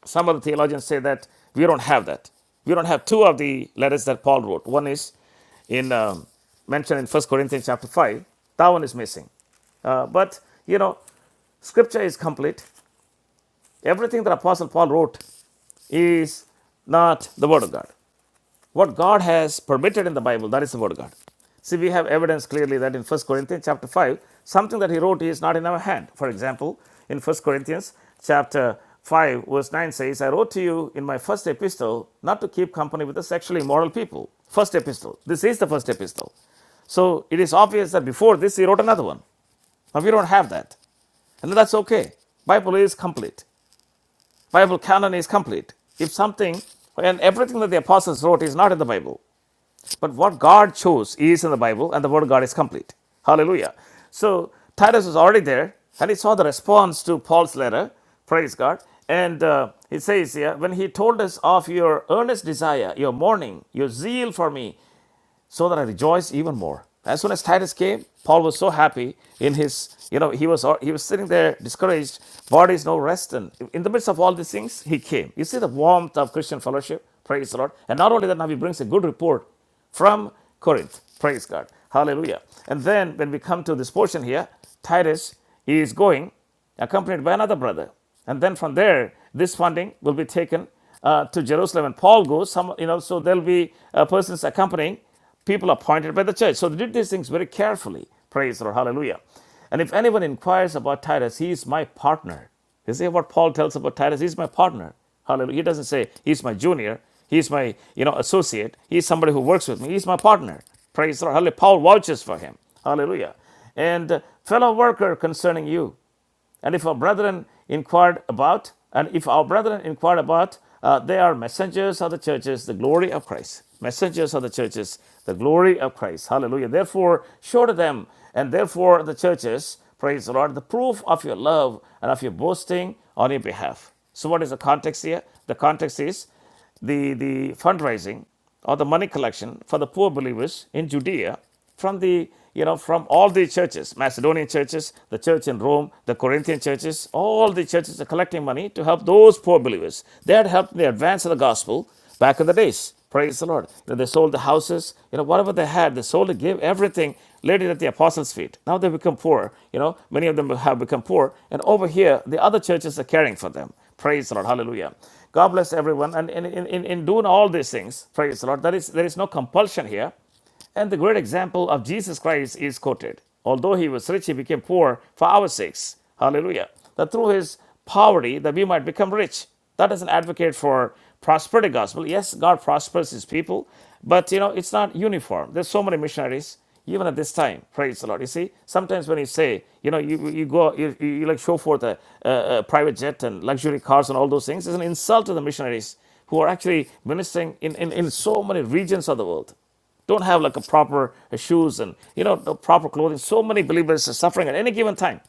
Speaker 1: some of the theologians say that we don't have that. We don't have two of the letters that Paul wrote. One is in um, mentioned in First Corinthians chapter 5. That one is missing. Uh, but, you know, scripture is complete Everything that Apostle Paul wrote is not the Word of God. What God has permitted in the Bible, that is the Word of God. See, we have evidence clearly that in First Corinthians chapter 5, something that he wrote is not in our hand. For example, in First Corinthians chapter 5, verse 9 says, I wrote to you in my first epistle not to keep company with the sexually immoral people. First epistle. This is the first epistle. So it is obvious that before this he wrote another one. Now we don't have that. And that's okay. Bible is complete. Bible canon is complete. If something and everything that the apostles wrote is not in the Bible, but what God chose is in the Bible, and the word of God is complete. Hallelujah. So Titus was already there, and he saw the response to Paul's letter. Praise God. And uh, it says here, when he told us of your earnest desire, your mourning, your zeal for me, so that I rejoice even more. As soon as Titus came, Paul was so happy in his, you know, he was he was sitting there discouraged, body is no rest, and in the midst of all these things, he came. You see the warmth of Christian fellowship, praise the Lord. And not only that, now he brings a good report from Corinth, praise God, hallelujah. And then when we come to this portion here, Titus is going accompanied by another brother. And then from there, this funding will be taken uh, to Jerusalem. And Paul goes, some, you know, so there'll be uh, persons accompanying people appointed by the church. So they did these things very carefully. Praise the Lord. Hallelujah. And if anyone inquires about Titus, he is my partner. You see what Paul tells about Titus? He's my partner. Hallelujah. He doesn't say he's my junior. He's my, you know, associate. He's somebody who works with me. He's my partner. Praise the Lord. Hallelujah. Paul vouches for him. Hallelujah. And uh, fellow worker concerning you. And if our brethren inquired about, and if our brethren inquired about, uh, they are messengers of the churches, the glory of Christ. Messengers of the churches, the glory of Christ. Hallelujah. Therefore, show to them, and therefore the churches, praise the Lord, the proof of your love and of your boasting on your behalf. So, what is the context here? The context is the, the fundraising or the money collection for the poor believers in Judea from the you know from all the churches macedonian churches the church in rome the corinthian churches all the churches are collecting money to help those poor believers they had helped in the advance of the gospel Back in the days, praise the Lord. You know, they sold the houses, you know, whatever they had, they sold it, gave everything, laid it at the apostles' feet. Now they become poor. You know, many of them have become poor. And over here, the other churches are caring for them. Praise the Lord. Hallelujah. God bless everyone. And in, in, in in doing all these things, praise the Lord, there is, there is no compulsion here. And the great example of Jesus Christ is quoted. Although he was rich, he became poor for our sakes. Hallelujah. That through his poverty that we might become rich. That is an advocate for prosperity gospel. Yes, God prospers his people, but you know, it's not uniform. There's so many missionaries, even at this time. Praise the Lord. You see, sometimes when you say, you know, you, you go, you, you you like show forth a, a, a private jet and luxury cars and all those things, it's an insult to the missionaries who are actually ministering in, in, in so many regions of the world don't have like a proper shoes and you know the proper clothing so many believers are suffering at any given time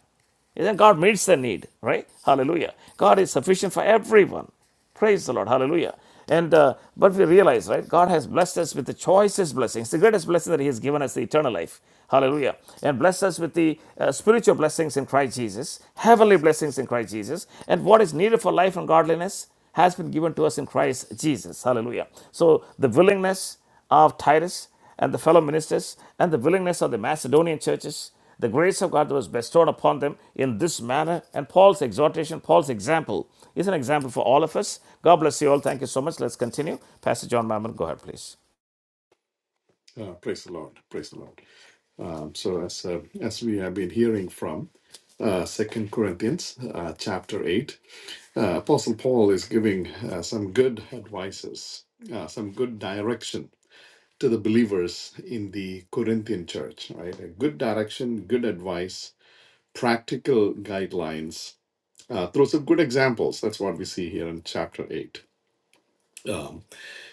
Speaker 1: and Then God meets the need, right? Hallelujah. God is sufficient for everyone. Praise the Lord. Hallelujah. And uh, but we realize, right? God has blessed us with the choicest blessings, the greatest blessing that He has given us, the eternal life. Hallelujah. And blessed us with the uh, spiritual blessings in Christ Jesus, heavenly blessings in Christ Jesus. And what is needed for life and godliness has been given to us in Christ Jesus. Hallelujah. So the willingness of Titus and the fellow ministers and the willingness of the Macedonian churches the grace of God was bestowed upon them in this manner, and Paul's exhortation, Paul's example, is an example for all of us. God bless you all. Thank you so much. Let's continue. Pastor John Mammon, go ahead, please.
Speaker 4: Uh, praise the Lord. Praise the Lord. Um, so as uh, as we have been hearing from uh, Second Corinthians uh, chapter eight, uh, Apostle Paul is giving uh, some good advices, uh, some good direction to the believers in the Corinthian church. Right, a good direction, good advice, practical guidelines uh, through some good examples. That's what we see here in chapter eight. Um,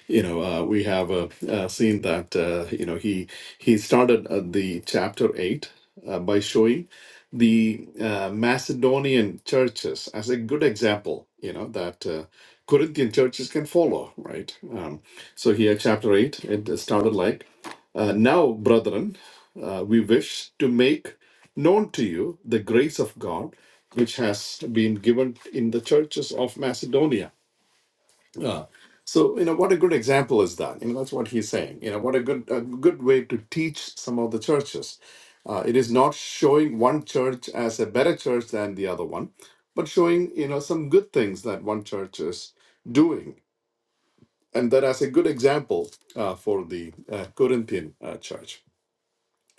Speaker 4: you know uh, we have uh, uh, seen that uh, you know he he started at the chapter 8 uh, by showing the uh, macedonian churches as a good example you know that uh, corinthian churches can follow right um, so here chapter 8 it started like uh, now brethren uh, we wish to make known to you the grace of god which has been given in the churches of macedonia yeah. So, you know, what a good example is that? You know, that's what he's saying. You know, what a good a good way to teach some of the churches. Uh, it is not showing one church as a better church than the other one, but showing, you know, some good things that one church is doing. And that as a good example uh, for the uh, Corinthian uh, church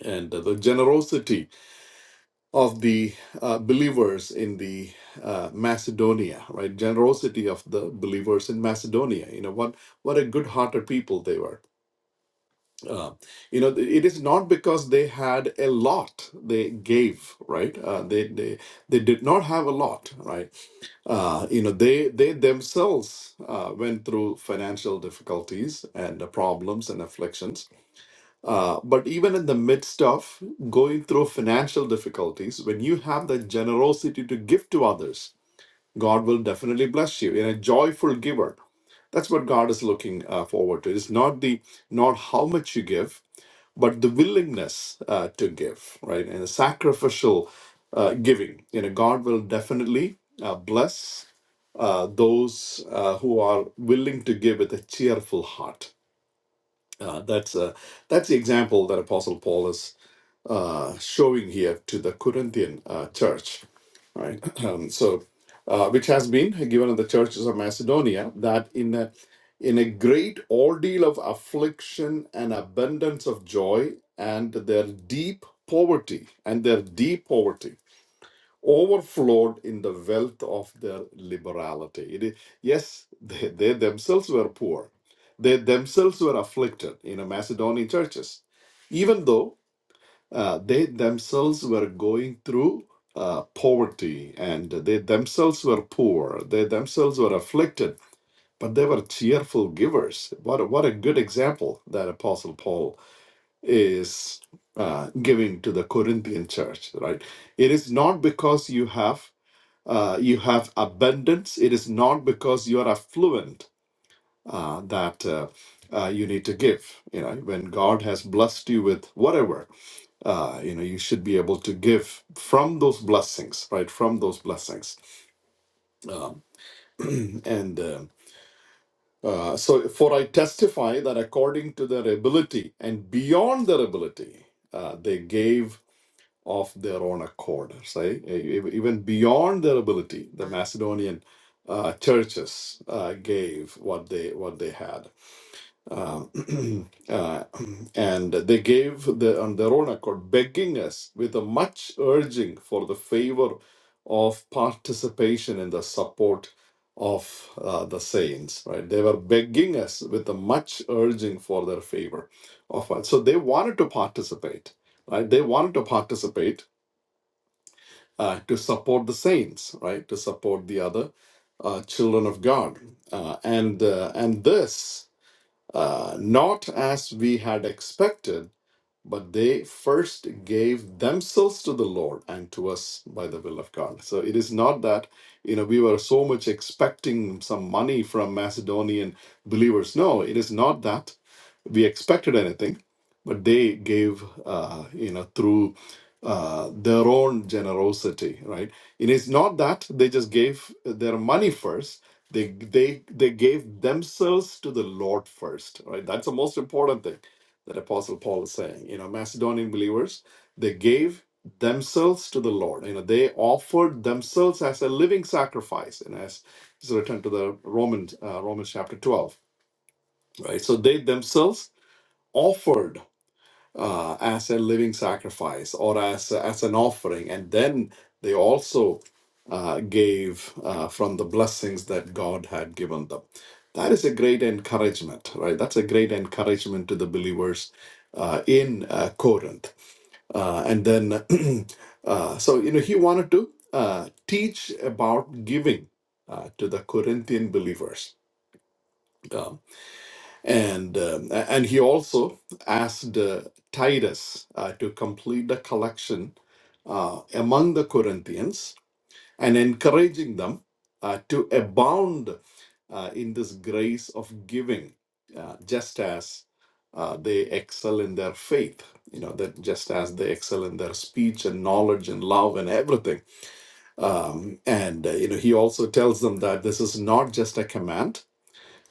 Speaker 4: and uh, the generosity of the uh, believers in the uh, Macedonia, right? Generosity of the believers in Macedonia. You know what what a good-hearted people they were. Uh, you know, it is not because they had a lot they gave, right? Uh, they they they did not have a lot, right? Uh, you know, they they themselves uh, went through financial difficulties and uh, problems and afflictions uh, but even in the midst of going through financial difficulties, when you have the generosity to give to others, God will definitely bless you in a joyful giver. That's what God is looking uh, forward to. It's not the not how much you give, but the willingness uh, to give, right? And the sacrificial uh, giving. You know, God will definitely uh, bless uh, those uh, who are willing to give with a cheerful heart. Uh, that's uh, that's the example that Apostle Paul is uh, showing here to the Corinthian uh, church, right? Um, so, uh, which has been given to the churches of Macedonia that in a, in a great ordeal of affliction and abundance of joy, and their deep poverty and their deep poverty overflowed in the wealth of their liberality. It is, yes, they, they themselves were poor. They themselves were afflicted in the Macedonian churches, even though uh, they themselves were going through uh, poverty and they themselves were poor. They themselves were afflicted, but they were cheerful givers. What a, what a good example that Apostle Paul is uh, giving to the Corinthian church, right? It is not because you have uh, you have abundance. It is not because you are affluent uh, that uh, uh, you need to give. You know, when God has blessed you with whatever, uh, you know you should be able to give from those blessings right from those blessings um, and um uh, so for i testify that according to their ability and beyond their ability uh, they gave of their own accord say e- e-, even beyond their ability the macedonian uh, churches uh, gave what they what they had uh, uh, and they gave the, on their own accord, begging us with a much urging for the favor of participation in the support of uh, the saints. Right? They were begging us with a much urging for their favor of us. So they wanted to participate. Right? They wanted to participate uh, to support the saints. Right? To support the other uh, children of God, uh, and uh, and this uh, not as we had expected, but they first gave themselves to the Lord and to us by the will of God. So it is not that, you know, we were so much expecting some money from Macedonian believers. No, it is not that we expected anything, but they gave, uh, you know, through uh, their own generosity, right? It is not that they just gave their money first. They, they they gave themselves to the Lord first, right? That's the most important thing that Apostle Paul is saying. You know, Macedonian believers, they gave themselves to the Lord. You know, they offered themselves as a living sacrifice, and as is returned to the Romans, uh, Romans chapter twelve, right? So they themselves offered uh, as a living sacrifice or as as an offering, and then they also uh, gave uh, from the blessings that God had given them. That is a great encouragement, right? That's a great encouragement to the believers uh, in uh, Corinth. Uh, and then, uh, so you know, he wanted to uh, teach about giving uh, to the Corinthian believers. Um, and, um, a- and he also asked uh, Titus uh, to complete the collection uh, among the Corinthians and encouraging them uh, to abound uh, in this grace of giving, uh, just as uh, they excel in their faith. You know, that just as they excel in their speech and knowledge and love and everything. Um, and, uh, you know, he also tells them that this is not just a command,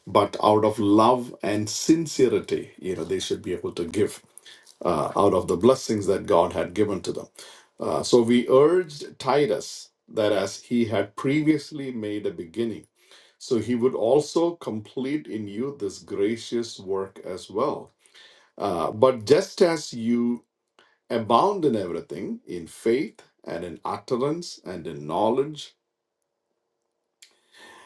Speaker 4: but out of love and sincerity, you know, they should be able to give uh, out of the blessings that God had given to them. Uh, so we urged Titus that as he had previously made a beginning, so he would also complete in you this gracious work as well. Uh, but just as you abound in everything, in faith and in utterance and in knowledge,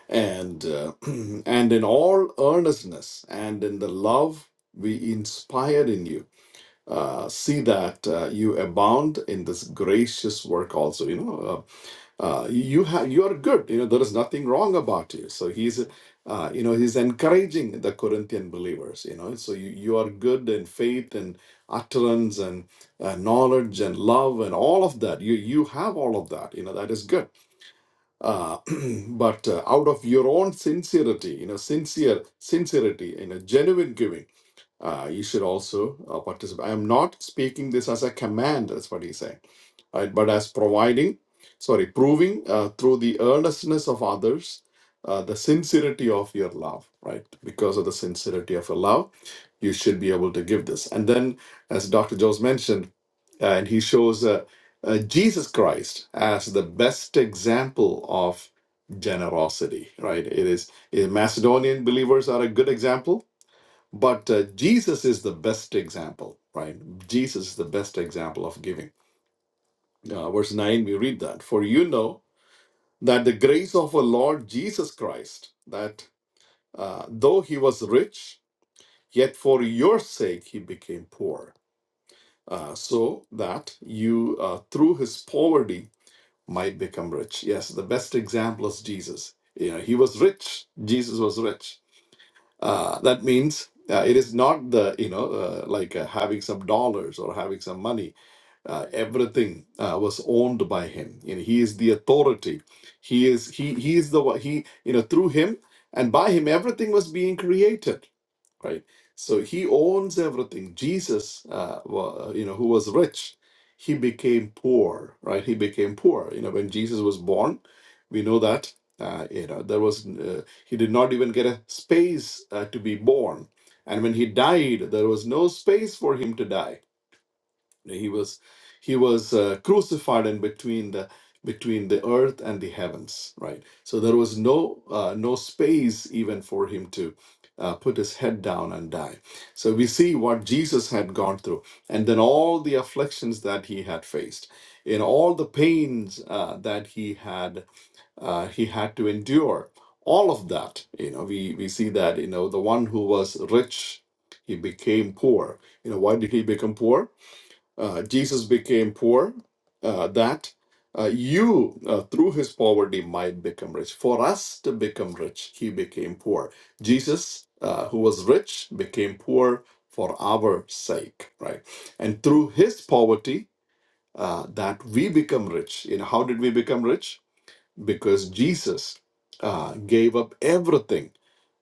Speaker 4: and uh, and in all earnestness and in the love we inspired in you uh, see that uh, you abound in this gracious work also you know uh, uh, you have you are good you know there is nothing wrong about you so he's uh, you know he's encouraging the corinthian believers you know so you, you are good in faith and utterance and uh, knowledge and love and all of that you you have all of that you know that is good uh, but uh, out of your own sincerity, you know, sincere sincerity, you know, genuine giving, uh, you should also uh, participate. I am not speaking this as a command. That's what he's saying, right? But as providing, sorry, proving uh, through the earnestness of others. Uh, the sincerity of your love, right? Because of the sincerity of your love, you should be able to give this. And then, as Dr. Jones mentioned, and he shows uh, uh, Jesus Christ as the best example of generosity, right? It is eh, Macedonian believers are a good example, but uh, Jesus is the best example, right? Jesus is the best example of giving. Uh, verse 9, we read that For you know that the grace of our Lord Jesus Christ, that uh, though he was rich, yet for your sake he became poor. uh, so that you, uh, through his poverty, might become rich. Yes, the best example is Jesus. You know, he was rich. Jesus was rich. Uh, that means uh, it is not the you know uh, like uh, having some dollars or having some money. Uh, everything uh, was owned by him. You know, he is the authority. He is he he is the one. He you know through him and by him everything was being created right? So he owns everything. Jesus, uh, wa- you know, who was rich, he became poor, right? He became poor. You know, when Jesus was born, we know that uh, you know there was uh, he did not even get a space uh, to be born, and when he died, there was no space for him to die he was he was uh, crucified in between the between the earth and the heavens right so there was no uh, no space even for him to uh, put his head down and die so we see what jesus had gone through and then all the afflictions that he had faced in all the pains uh, that he had uh, he had to endure all of that you know we we see that you know the one who was rich he became poor you know why did he become poor uh, Jesus became poor, uh, that uh, you, uh, through his poverty, might become rich. For us to become rich, he became poor. Jesus, uh, who was rich, became poor for our sake, right? And through his poverty, uh, that we become rich. You know, how did we become rich? because Jesus uh, gave up everything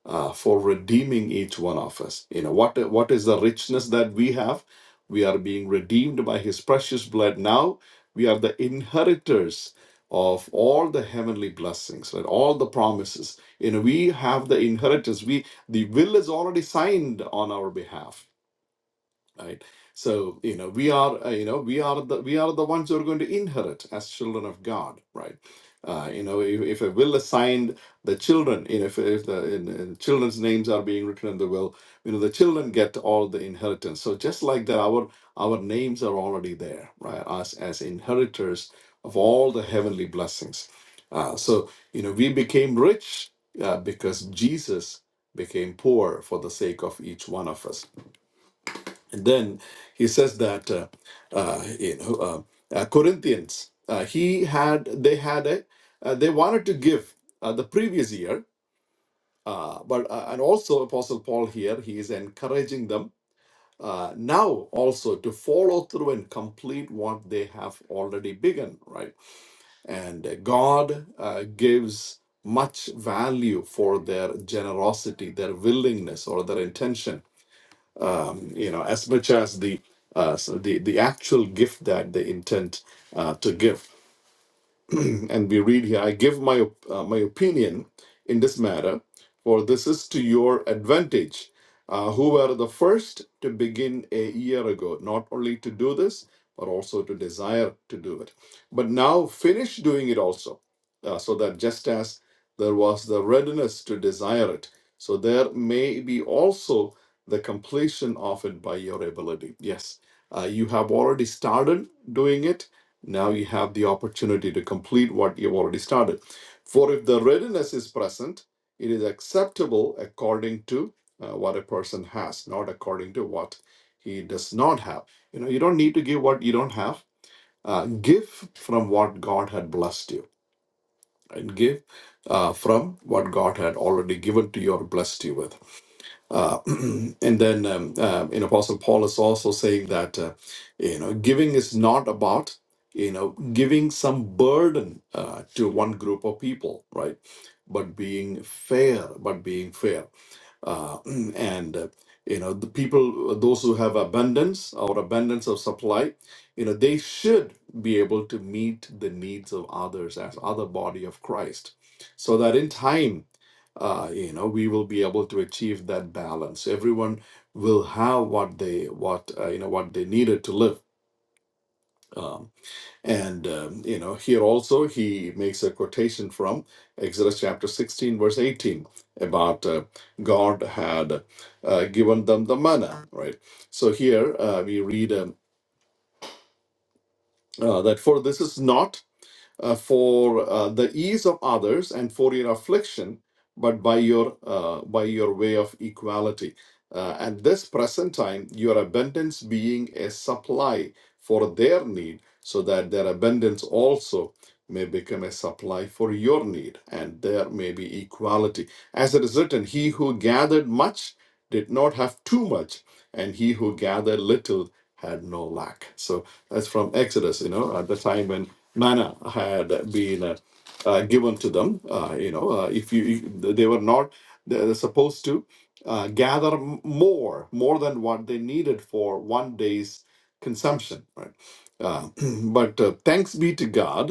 Speaker 4: uh, for redeeming each one of us. You know, what, what is the richness that we have? We are being redeemed by his precious blood. Now we are the inheritors of all the heavenly blessings, right? All the promises. You know, we have the inheritance. We the will is already signed on our behalf right so you know we are uh, you know we are the we are the ones who are going to inherit as children of god right uh, you know if, if a will is signed the children you know if, if the in, in children's names are being written in the will you know the children get all the inheritance so just like that our our names are already there right us as inheritors of all the heavenly blessings uh, so you know we became rich uh, because jesus became poor for the sake of each one of us and then he says that uh, uh, you know uh, uh, Corinthians, uh, he had they had a uh, they wanted to give uh, the previous year, uh, but uh, and also Apostle Paul here he is encouraging them uh, now also to follow through and complete what they have already begun, right? And uh, God uh, gives much value for their generosity, their willingness, or their intention um, you know, as much as the uh, so the the actual gift that they intend uh, to give. and we read here, I give my, op- uh, my opinion in this matter, for this is to your advantage, uh, who were the first to begin a year ago, not only to do this, but also to desire to do it. But now finish doing it also, uh, so that just as there was the readiness to desire it, so there may be also the completion of it by your ability. Yes, uh, you have already started doing it now you have the opportunity to complete what you've already started. For if the readiness is present, it is acceptable according to uh, what a person has, not according to what he does not have. You know, you don't need to give what you don't have. Uh, give from what God had blessed you, and give uh, from what God had already given to you or blessed you with. Uh, and then, um, uh, you know, Apostle Paul is also saying that, uh, you know, giving is not about, you know, giving some burden uh, to one group of people, right? But being fair, but being fair uh, and uh, you know the people uh, those who have abundance or abundance of supply you know they should be able to meet the needs of others as other body of christ so that in time uh, you know we will be able to achieve that balance everyone will have what they what uh, you know what they needed to live Um, and um, you know, here also he makes a quotation from Exodus chapter 16, verse 18, about uh, God had uh, given them the manna, right? So here uh, we read um, uh, that for this is not uh, for uh, the ease of others and for your affliction, but by your uh, by your way of equality. Uh, at this present time, your abundance being a supply for their need, so that their abundance also may become a supply for your need, and there may be equality. As it is written, he who gathered much did not have too much, and he who gathered little had no lack. So that's from Exodus, you know, at the time when manna had been uh, uh, given to them. Uh, you know, uh, if you, you- they were not they're supposed to uh, gather m- more, more than what they needed for one day's consumption. Right. Uh, but uh, thanks be to God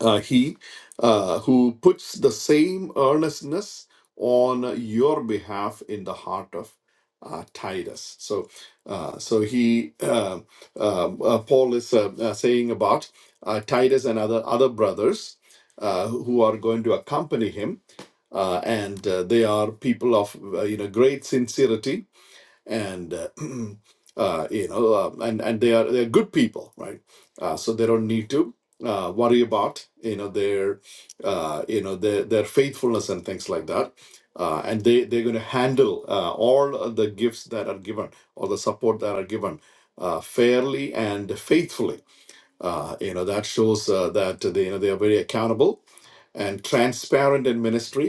Speaker 4: uh, he uh, who puts the same earnestness on your behalf in the heart of uh, Titus. So, uh, so he uh, um, uh, Paul is uh, uh, saying about uh, Titus and other other brothers uh, who are going to accompany him, uh, and uh, they are people of uh, you know great sincerity and uh, uh, you know, uh, and and they are they're good people, right? Uh, so they don't need to uh, worry about you know their uh, you know their their faithfulness and things like that. Uh, and they they're going to handle uh, all of the gifts that are given or the support that are given uh, fairly and faithfully. Uh, you know that shows uh, that they you know they are very accountable and transparent in ministry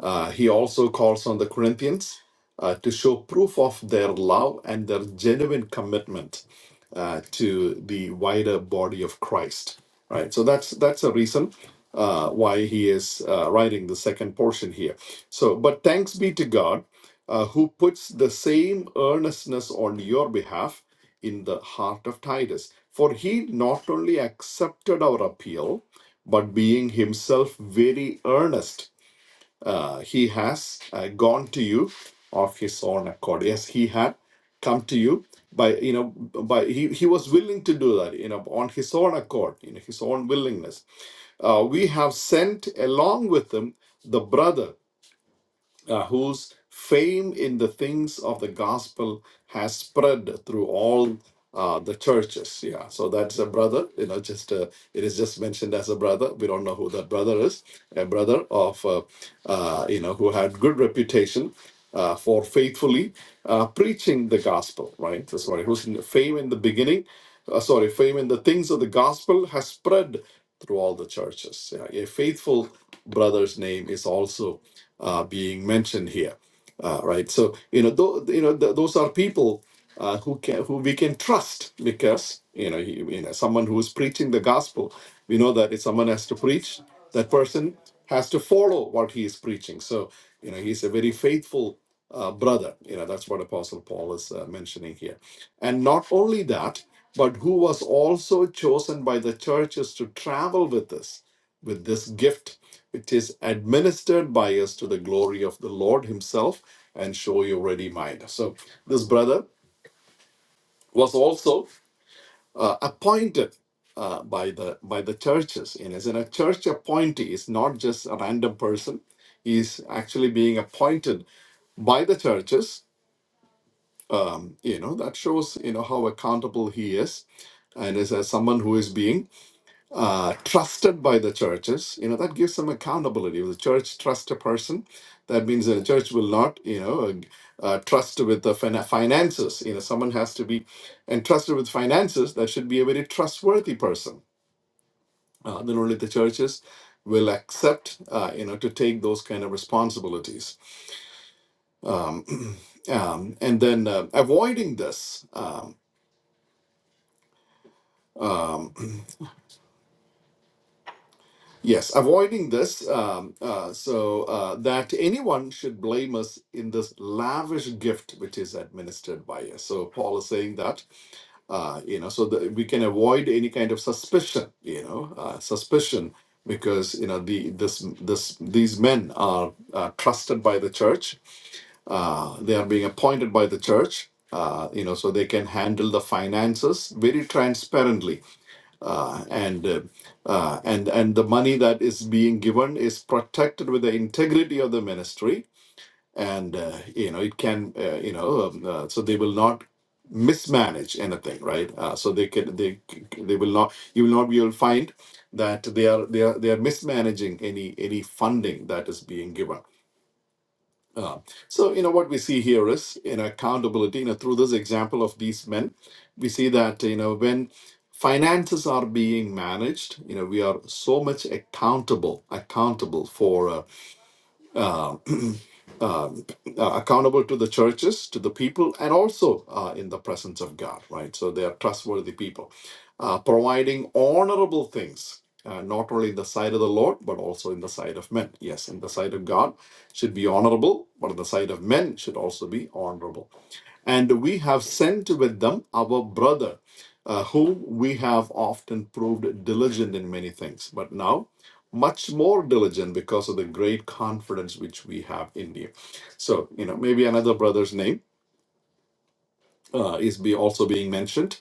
Speaker 4: uh, he also calls on the Corinthians uh, to show proof of their love and their genuine commitment uh, to the wider body of Christ. Right. So that's that's a reason uh, why he is uh, writing the second portion here. So, but thanks be to God uh, who puts the same earnestness on your behalf in the heart of Titus. For he not only accepted our appeal, but being himself very earnest uh, he has uh, gone to you of his own accord yes he had come to you by you know by he, he was willing to do that you know on his own accord you know his own willingness uh, we have sent along with him the brother uh, whose fame in the things of the gospel has spread through all uh, the churches. Yeah, so that's a brother. You know, just uh, it is just mentioned as a brother. We don't know who that brother is. A brother of uh, uh, you know who had good reputation. Uh, for faithfully uh, preaching the gospel, right? So sorry, whose fame in the beginning, uh, sorry, fame in the things of the gospel has spread through all the churches. Yeah, a faithful brother's name is also uh, being mentioned here, uh, right? So you know, th- you know, th- those are people uh, who can who we can trust because you know, he, you know, someone who is preaching the gospel, we know that if someone has to preach, that person has to follow what he is preaching. So you know, he's a very faithful uh, brother. You know, that's what Apostle Paul is uh, mentioning here, and not only that. But who was also chosen by the churches to travel with us with this gift which is administered by us to the glory of the Lord Himself and show your ready mind. So this brother was also uh, appointed uh, by the by the churches. And as in a church appointee is not just a random person. He's actually being appointed by the churches. Um, you know, that shows, you know, how accountable he is. And as, as someone who is being uh, trusted by the churches, you know, that gives them accountability. If the church trusts a person, that means that the church will not, you know, uh, trust with the fin- finances. You know, someone has to be entrusted with finances. That should be a very trustworthy person. Uh, then only the churches will accept, uh, you know, to take those kind of responsibilities. Um, and then uh, avoiding this. Um, um, Yes, avoiding this, um, uh, so uh, that anyone should blame us in this lavish gift which is administered by us. So Paul is saying that, uh, you know, so that we can avoid any kind of suspicion, you know, uh, suspicion because you know the this this these men are uh, trusted by the church. Uh, they are being appointed by the church. Uh, you know, so they can handle the finances very transparently uh, and uh, uh, and and the money that is being given is protected with the integrity of the ministry, and uh, you know it can uh, you know um, uh, so they will not mismanage anything, right? Uh, so they can they they will not you will not be able to find that they are they are they are mismanaging any any funding that is being given uh, so, you know, what we see here is, you know, accountability, you know, through this example of these men, we see that, you know, when finances are being managed, you know, we are so much accountable, accountable for uh, uh, accountable to the churches, to the people, and also uh, in the presence of God, right? So they are trustworthy people, uh, providing honorable things, uh, not only in the sight of the Lord, but also in the sight of men. Yes, in the sight of God should be honorable, but in the sight of men should also be honorable. And we have sent with them our brother, uh, whom we have often proved diligent in many things, but now much more diligent because of the great confidence which we have in you so, you know, maybe another brother's name uh, is be also being mentioned.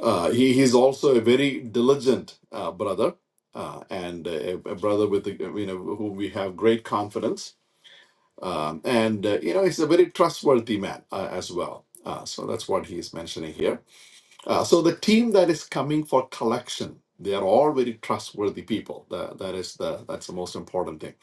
Speaker 4: Uh, he, he's also a very diligent uh, brother uh, and a, a brother with, the, you know, whom we have great confidence. Um, and, uh, you know, he's a very trustworthy man uh, as well. Uh, so that's what he's mentioning here Uh, so the team that is coming for collection, they are all very trustworthy people. That, that is the that's the most important thing.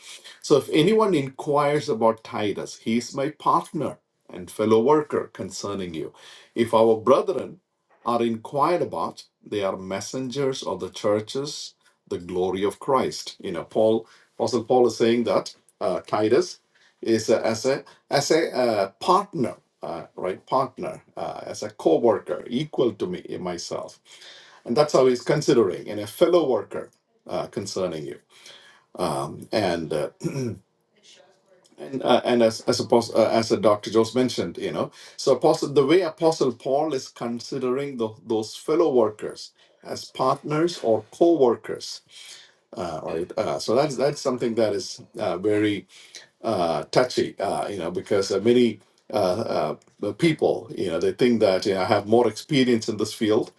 Speaker 4: So if anyone inquires about Titus, he is my partner and fellow worker concerning you. If our brethren are inquired about, they are messengers of the churches, the glory of Christ. You know, Paul, Apostle Paul is saying that uh, Titus is a, as a as a uh, partner, uh, right? Partner, uh, as a co worker, equal to me, myself. And that's how he's considering, and a fellow worker. Uh, concerning you, um, and uh, and uh, and as as apostle, uh, as uh, Dr. Jones mentioned, you know, so apostle the way Apostle Paul is considering tho- those fellow workers as partners or co-workers, uh, right? Uh, so that's that's something that is uh, very uh, touchy, uh, you know, because uh, many uh, uh, uh, people, you know, they think that you know, I have more experience in this field.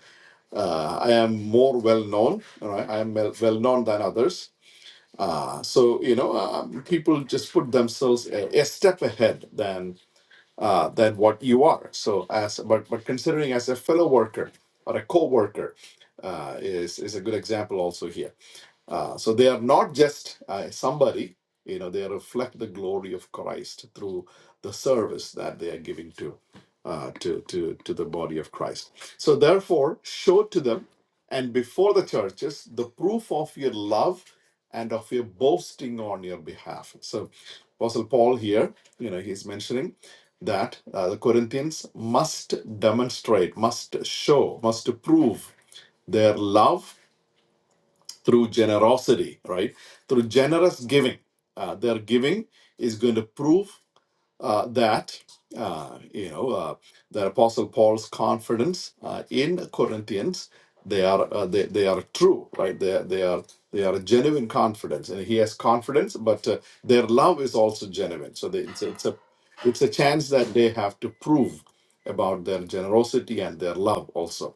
Speaker 4: Uh, I am more well known. All right, I am well well known than others. Uh, so you know, um, people just put themselves a, a step ahead than uh, than what you are. So as but but considering as a fellow worker or a co-worker uh, is is a good example also here uh, so they are not just uh, somebody, you know, they reflect the glory of Christ through the service that they are giving to, uh, to, to, to the body of Christ. So therefore, show to them and before the churches the proof of your love and of your boasting on your behalf. So Apostle Paul here, you know, he's mentioning that uh, the Corinthians must demonstrate, must show, must prove their love through generosity, right? Through generous giving. Uh, their giving is going to prove uh, that, uh, you know, uh, the Apostle Paul's confidence uh, in Corinthians, they are, uh, they, they are true, right? They, they are they are genuine confidence. And he has confidence, but uh, their love is also genuine. So they, it's, a, it's, a, it's a chance that they have to prove about their generosity and their love also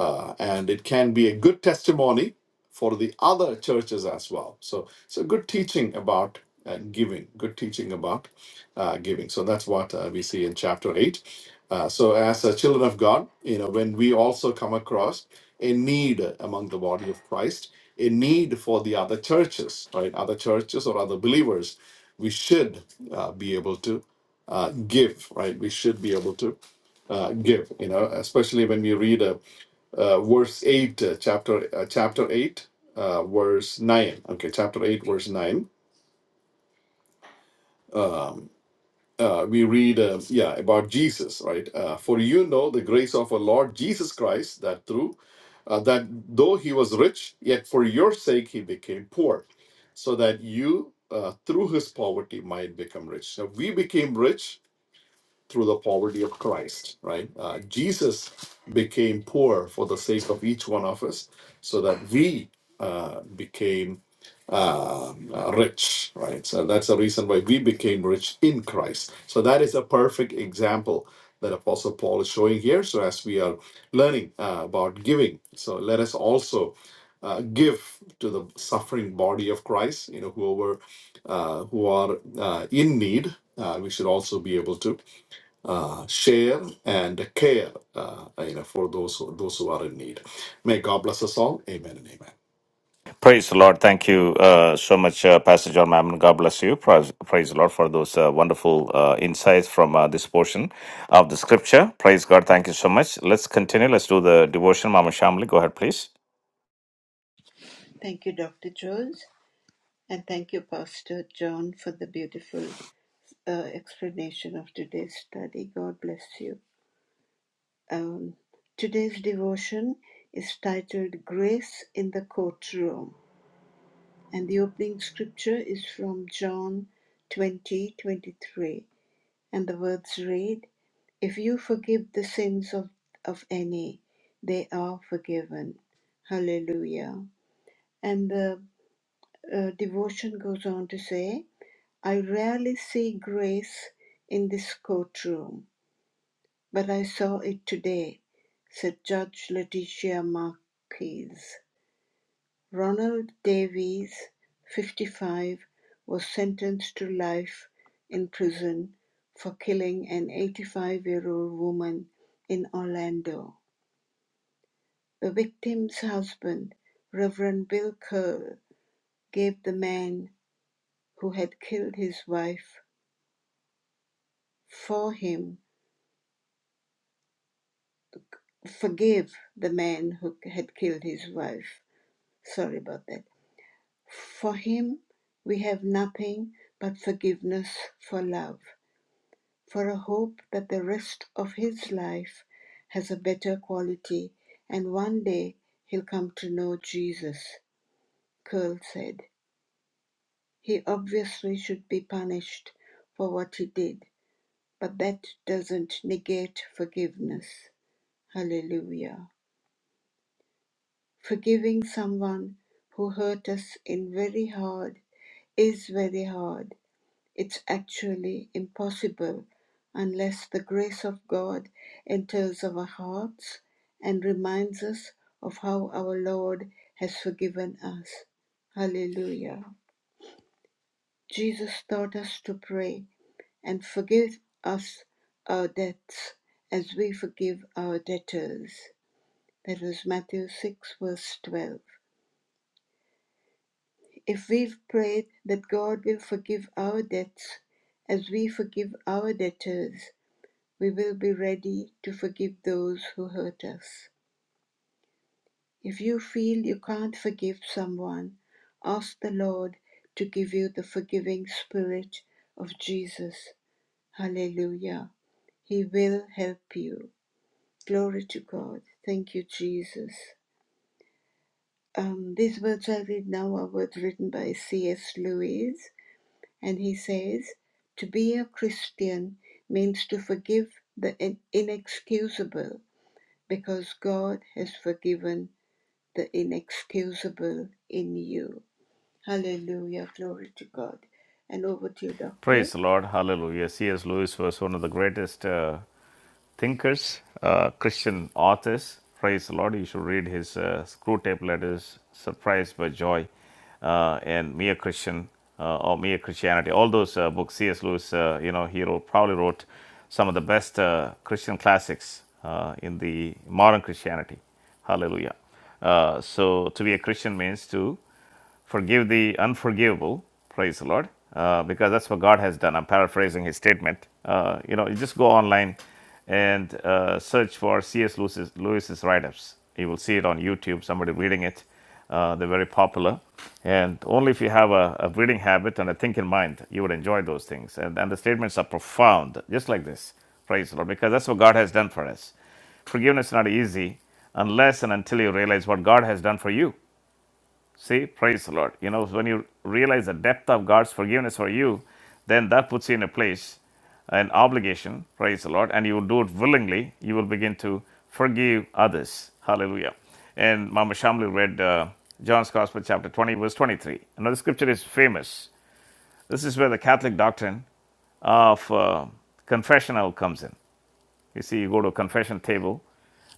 Speaker 4: uh, and it can be a good testimony for the other churches as well. So it's a good teaching about uh, giving, good teaching about uh, giving. So that's what uh, we see in chapter eight. Uh, so as uh, children of God, you know, when we also come across a need among the body of Christ, a need for the other churches, right, other churches or other believers, we should uh, be able to uh, give, right? We should be able to uh, give, you know, especially when we read a uh, verse 8 uh, chapter uh, chapter 8 uh, verse 9 okay chapter 8 verse 9 um, uh, we read uh, yeah about jesus right uh, for you know the grace of our lord jesus christ that through uh, that though he was rich yet for your sake he became poor so that you uh, through his poverty might become rich so we became rich through the poverty of Christ, right? Uh, Jesus became poor for the sake of each one of us, so that we uh, became uh, uh, rich, right? So that's the reason why we became rich in Christ. So that is a perfect example that Apostle Paul is showing here. So as we are learning uh, about giving, so let us also. Uh, give to the suffering body of Christ, you know, whoever uh, who are uh, in need, uh, we should also be able to uh, share and care, uh, you know, for those who, those who are in need. May God bless us all. Amen and amen.
Speaker 1: Praise the Lord. Thank you uh, so much, uh, Pastor John Mammon. God bless you. Praise, praise the Lord for those uh, wonderful uh, insights from uh, this portion of the scripture. Praise God. Thank you so much. Let's continue. Let's do the devotion. Mama Shamli, go ahead, please. Praise the Lord. Hallelujah. C.S. Lewis was one of the greatest. uh, thinkers, uh, Christian authors. Praise the Lord. You should read his uh, screw tape letters, Surprised by Joy, uh, and Mere Christian uh, or Mere Christianity. All those uh, books, C.S. Lewis, uh, you know, he wrote, probably wrote some of the best uh, Christian classics uh, in the modern Christianity. Hallelujah. Uh, so to be a Christian means to forgive the unforgivable, praise the Lord, uh, because that's what God has done. I'm paraphrasing his statement. Uh, you know, you just go online and uh, search for C.S. Lewis's, Lewis's write ups. You will see it on YouTube, somebody reading it. Uh, they're very popular. And only if you have a, a reading habit and a thinking mind, you would enjoy those things. And, and the statements are profound, just like this, praise the Lord, because that's what God has done for us. Forgiveness is not easy unless and until you realize what God has done for you. See, praise the Lord. You know, when you realize the depth of God's forgiveness for you, then that puts you in a place, an obligation, praise the Lord, and you will do it willingly. You will begin to forgive others. Hallelujah. And Mama Shamli read uh, John's Gospel, chapter 20, verse 23. Another scripture is famous. This is where the Catholic doctrine of uh, confessional comes in. You see, you go to a confession table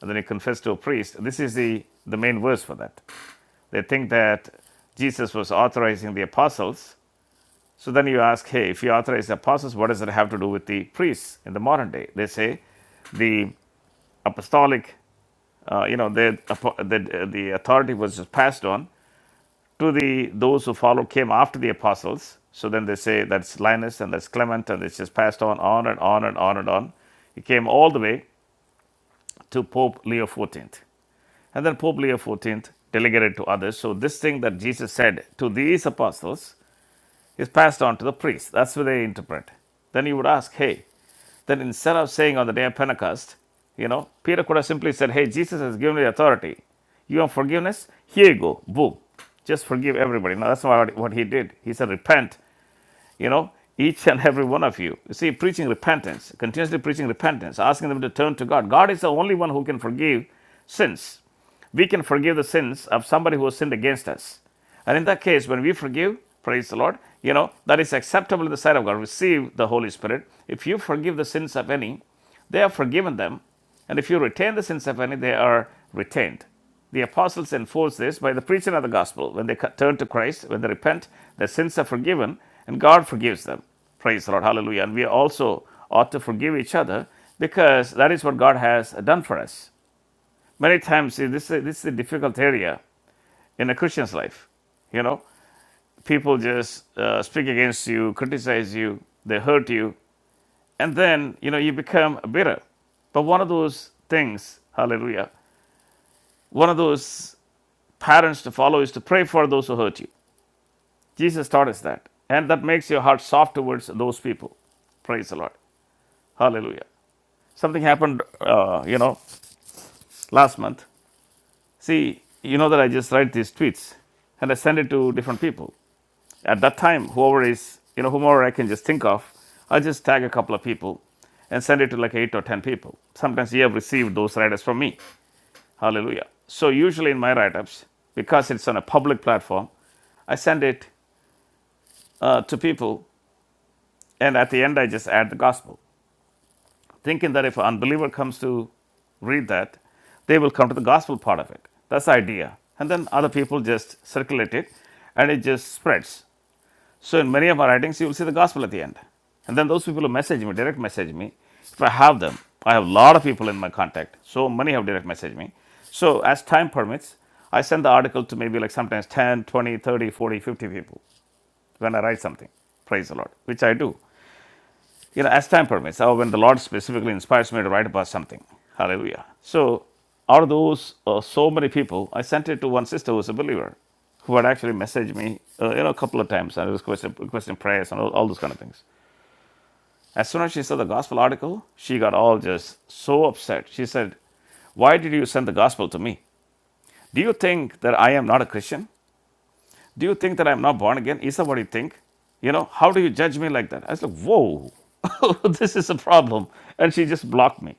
Speaker 1: and then you confess to a priest. This is the, the main verse for that. They think that Jesus was authorizing the apostles. So then you ask, hey, if he authorized the apostles, what does it have to do with the priests in the modern day? They say the apostolic, uh, you know, the, the, the authority was just passed on to the those who follow came after the apostles. So then they say that's Linus and that's Clement, and it's just passed on, on and on and on and on. It came all the way to Pope Leo XIV. And then Pope Leo XIV delegated to others. So, this thing that Jesus said to these apostles is passed on to the priest. That's what they interpret. Then you would ask, hey, then instead of saying on the day of Pentecost, you know, Peter could have simply said, hey, Jesus has given you authority. You want forgiveness? Here you go. Boom. Just forgive everybody. Now, that's not what he did. He said, repent, you know, each and every one of you. You see, preaching repentance, continuously preaching repentance, asking them to turn to God. God is the only one who can forgive sins we can forgive the sins of somebody who has sinned against us. And in that case, when we forgive, praise the Lord, you know, that is acceptable in the sight of God. Receive the Holy Spirit. If you forgive the sins of any, they are forgiven them. And if you retain the sins of any, they are retained. The apostles enforce this by the preaching of the gospel. When they turn to Christ, when they repent, their sins are forgiven and God forgives them. Praise the Lord. Hallelujah. And we also ought to forgive each other because that is what God has done for us. Many times, see, this, is- this is a difficult area in a Christian's life. You know, people just uh, speak against you, criticize you, they hurt you, and then, you know, you become bitter. But one of those things, hallelujah, one of those patterns to follow is to pray for those who hurt you. Jesus taught us that. And that makes your heart soft towards those people. Praise the Lord. Hallelujah. Something happened, uh, you know, last month. See, you know that I just write these tweets and I send it to different people. At that time, whoever is, you know, whomever I can just think of, I'll just tag a couple of people and send it to like eight or 10 people. Sometimes you have received those write ups from me. Hallelujah. So, usually in my write ups, because it's on a public platform, I send it uh, to people and at the end, I just add the gospel, thinking that if an unbeliever comes to read that, they will come to the gospel part of it. That's the idea. And then other people just circulate it and it just spreads. So in many of our writings, you will see the gospel at the end. And then those people who message me, direct message me, if I have them, I have a lot of people in my contact. So many have direct messaged me. So as time permits, I send the article to maybe like sometimes 10, 20, 30, 40, 50 people when I write something. Praise the Lord, which I do you know, as time permits, or when the Lord specifically inspires me to write about something. Hallelujah. So, out of those uh, so many people, I sent it to one sister who was a believer, who had actually messaged me, uh, you know, a couple of times and requested, requesting prayers and all, all those kind of things. As soon as she saw the gospel article, she got all just so upset. She said, Why did you send the gospel to me? Do you think that I am not a Christian? Do you think that I'm not born again? Is that what you think? You know, how do you judge me like that? I was like, whoa, this is a problem. And she just blocked me.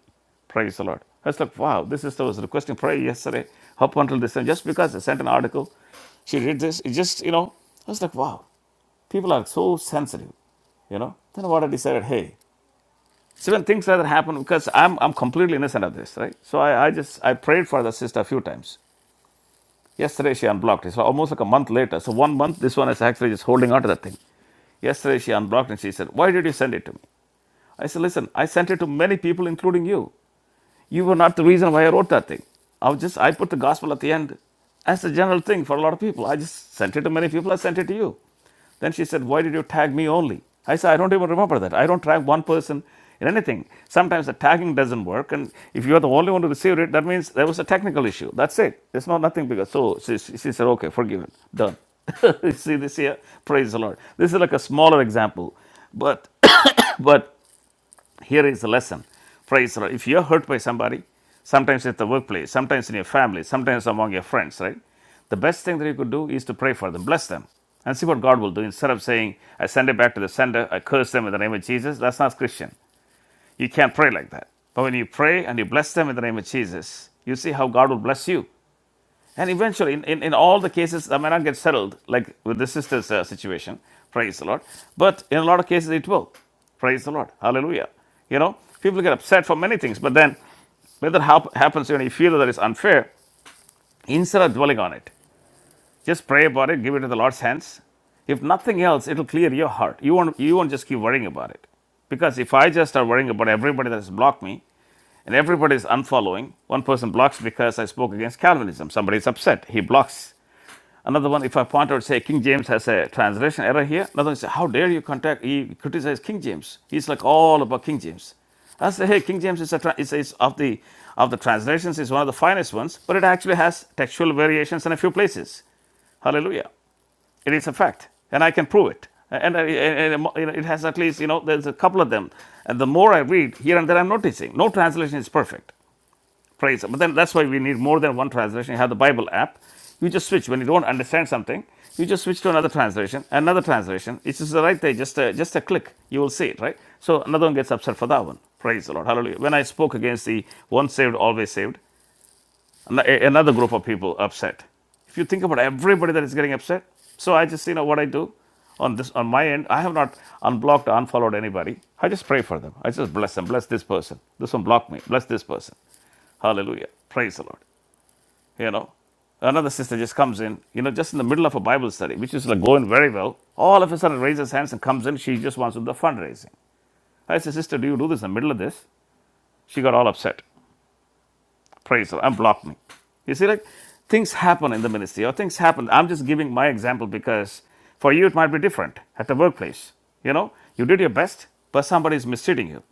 Speaker 1: Praise the Lord. I was like, wow, this is, I was requesting prayer yesterday, up until this time, just because I sent an article. She read this. It just, you know, I was like, wow, people are so sensitive, you know. Then what I decided, hey, so when things like that happen, because I'm, I'm completely innocent of this, right? So I, I just, I prayed for the sister a few times. Yesterday she unblocked it. So almost like a month later. So one month, this one is actually just holding on to that thing. Yesterday she unblocked and she said, Why did you send it to me? I said, Listen, I sent it to many people, including you. You were not the reason why I wrote that thing. I was just, I put the gospel at the end as a general thing for a lot of people. I just sent it to many people, I sent it to you. Then she said, Why did you tag me only? I said, I don't even remember that. I don't tag one person in anything. Sometimes the tagging doesn't work. And if you're the only one to receive it, that means there was a technical issue. That's it. It's not nothing bigger. So she, she she said, Okay, forgiven. Done. See this here? Praise the Lord. This is like a smaller example. But, but here is the lesson. Praise the Lord. If you're hurt by somebody, sometimes at the workplace, sometimes in your family, sometimes among your friends, right? The best thing that you could do is to pray for them, bless them, and see what God will do. Instead of saying, I send it back to the sender, I curse them in the name of Jesus, that's not Christian. You can't pray like that. But when you pray and you bless them in the name of Jesus, you see how God will bless you. And eventually, in, in, in all the cases, I may not get settled, like with the sister's uh, situation, praise the Lord. But in a lot of cases, it will. Praise the Lord. Hallelujah. You know, people get upset for many things, but then whether that hap- happens, when you feel that it's unfair, instead of dwelling on it, just pray about it, give it to the Lord's hands. If nothing else, it'll clear your heart. You won't, you won't just keep worrying about it. Because if I just start worrying about everybody that has blocked me and everybody is unfollowing, one person blocks because I spoke against Calvinism. Somebody is upset. He blocks. Another one, if I point out, say, King James has a translation error here. Another one say, how dare you contact, he criticize King James. He's like all about King James. I say, hey, King James is, a tra- is, is of the of the translations is one of the finest ones, but it actually has textual variations in a few places. Hallelujah! It is a fact, and I can prove it. And, and, and, you it has at least you know there's a couple of them, and the more I read here and there, I'm noticing no translation is perfect phrase. But then that's why we need more than one translation. You have the Bible app. You just switch when you don't understand something. You just switch to another translation, another translation. It's just right there, just a, just a click. You will see it, right? So another one gets upset for that one. Praise the Lord. Hallelujah. When I spoke against the once saved, always saved, another group of people upset. If you think about everybody that is getting upset, so I just, you know, what I do on this on my end i have not unblocked or unfollowed anybody i just pray for them i just bless them bless this person this one blocked me bless this person hallelujah praise the lord you know. Another sister just comes in, you know, just in the middle of a Bible study, which is like going very well. All of a sudden raises hands and comes in. She just wants to do the fundraising. I said, Sister, do you do this in the middle of this? She got all upset. Praise her and blocked me. You see, like things happen in the ministry or things happen. I'm just giving my example because for you it might be different at the workplace. You know, you did your best, but somebody is mistreating you.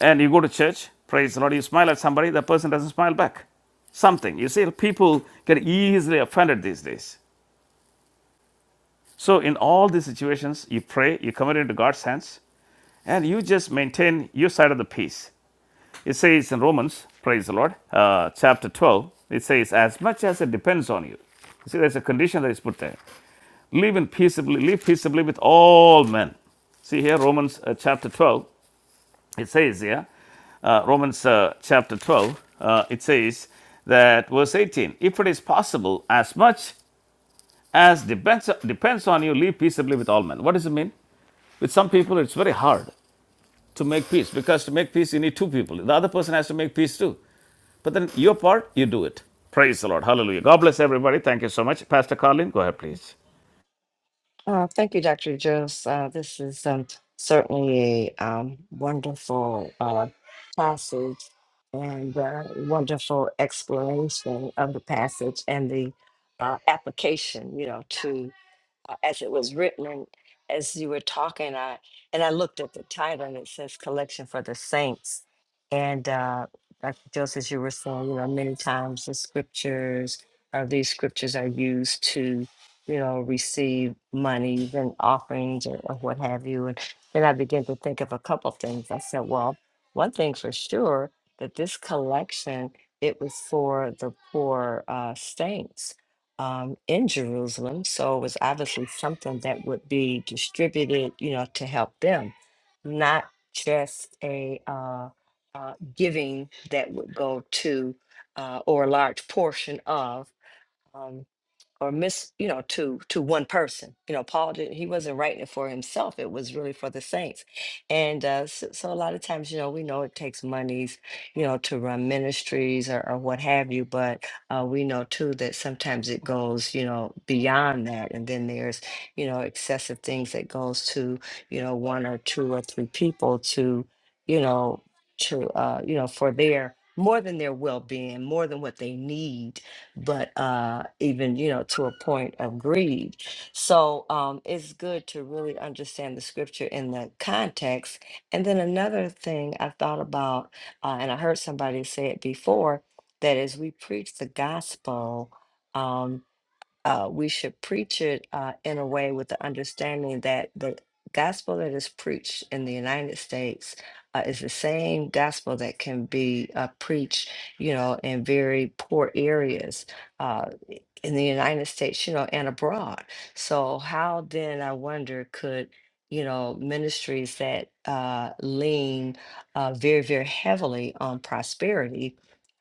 Speaker 1: And you go to church, praise the Lord, you smile at somebody, that person doesn't smile back something. You see, people get easily offended these days. So, in all these situations, you pray, you commit it into God's hands, and you just maintain your side of the peace. It says in Romans, praise the Lord, uh, chapter 12, it says, as much as it depends on you. See, there's a condition that is put there. Live in peaceably, live peaceably with all men. See here, Romans uh, chapter 12, it says here, uh, Romans uh, chapter 12, uh, it says that verse 18, if it is possible, as much as depends, depends on you, live peaceably with all men. What does it mean? With some people, it's very hard to make peace because to make peace, you need two people. The other person has to make peace too. But then your part, you do it. Praise the Lord. Hallelujah. God bless everybody. Thank you so much. Pastor Colin, go ahead, please.
Speaker 2: Uh, thank you, Dr. Jones. Uh, this is um, certainly a um, wonderful uh, passage and uh, wonderful exploration of the passage and the uh, application, you know, uh, as it was written and as you were talking i and i looked at the title and it says collection for the saints and uh like just as you were saying you know many times the scriptures or these scriptures are used to you know receive monies and offerings or, or what have you and then i began to think of a couple things i said well one thing for sure that this collection it was for the poor uh, saints um, in Jerusalem. So it was obviously something that would be distributed, you know, to help them, not just a uh, uh, giving that would go to uh, or a large portion of. Um, or miss you know to to one person you know paul didn't he wasn't writing it for himself it was really for the saints and uh so, so a lot of times you know we know it takes monies you know to run ministries or, or what have you but uh we know too that sometimes it goes you know beyond that and then there's you know excessive things that goes to you know one or two or three people to you know to uh you know for their more than their well-being more than what they need but uh, even you know to a point of greed. So um, it's good to really understand the scripture in the context. And then another thing I thought about, uh, and I heard somebody say it before, that as we preach the gospel. um, uh, we should preach it uh, in a way with the understanding that the gospel that is preached in the United States uh, is the same gospel that can be uh, preached, you know, in very poor areas. Uh, in the United States, you know, and abroad. So how then I wonder could you know ministries that uh, lean uh, very very heavily on prosperity,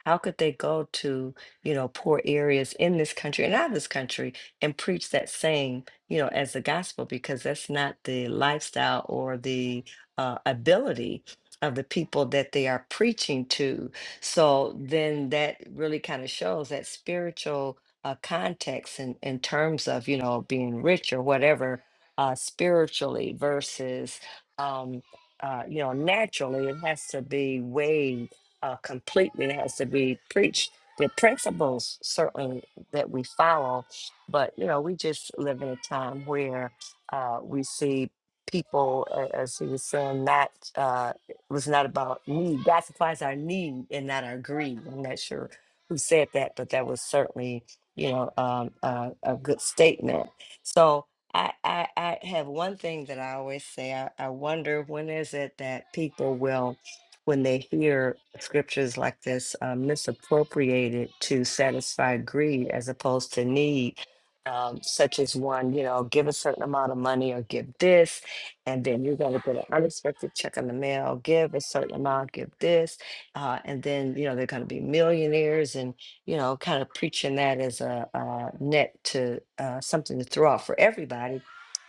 Speaker 2: how could they go to you know poor areas in this country and out of this country and preach that same you know as the gospel because that's not the lifestyle or the uh, ability of the people that they are preaching to. So then that really kind of shows that spiritual uh, context in, in terms of you know being rich or whatever uh, spiritually versus um, uh, you know naturally it has to be weighed uh, completely it has to be preached the principles certainly that we follow but you know we just live in a time where uh, we see people a- as he was saying not uh, was not about need god supplies our need and not our greed i'm not sure who said that but that was certainly you know, um, uh, a good statement. So I, I, I have one thing that I always say. I, I wonder when is it that people will, when they hear scriptures like this, um, misappropriate it to satisfy greed as opposed to need. Um, such as one, you know, give a certain amount of money or give this, and then you're going to get an unexpected check in the mail, give a certain amount, give this, uh, and then, you know, they're going to be millionaires. and you know, kind of preaching that as a, uh net to uh, something to throw out for everybody.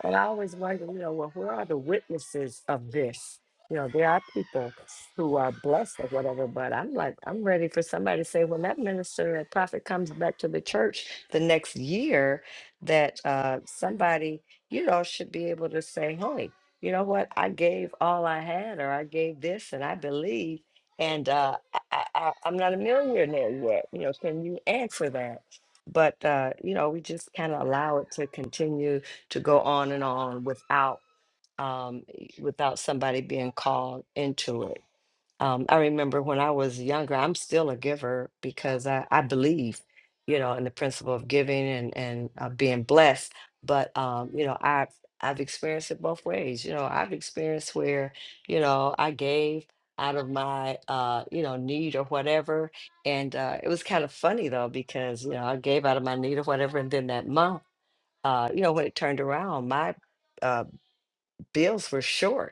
Speaker 2: And I always wonder, you know, well, where are the witnesses of this? You know, there are people who are blessed or whatever, but I'm like, I'm ready for somebody to say, when that minister or prophet comes back to the church the next year, that uh, somebody, you know, should be able to say, hey, you know what? I gave all I had, or I gave this, and I believe and uh, I, I, I- am not a millionaire yet. You know, can you answer that? But uh, you know, we just kind of allow it to continue to go on and on without um, without somebody being called into it. Um, I remember when I was younger, I'm still a giver because I, I believe, you know, in the principle of giving and and uh, being blessed. But um, you know, I've I've experienced it both ways. You know, I've experienced where, you know, I gave out of my uh, you know, need or whatever. And uh it was kind of funny though, because you know, I gave out of my need or whatever, and then that month, uh, you know, when it turned around, my uh bills were short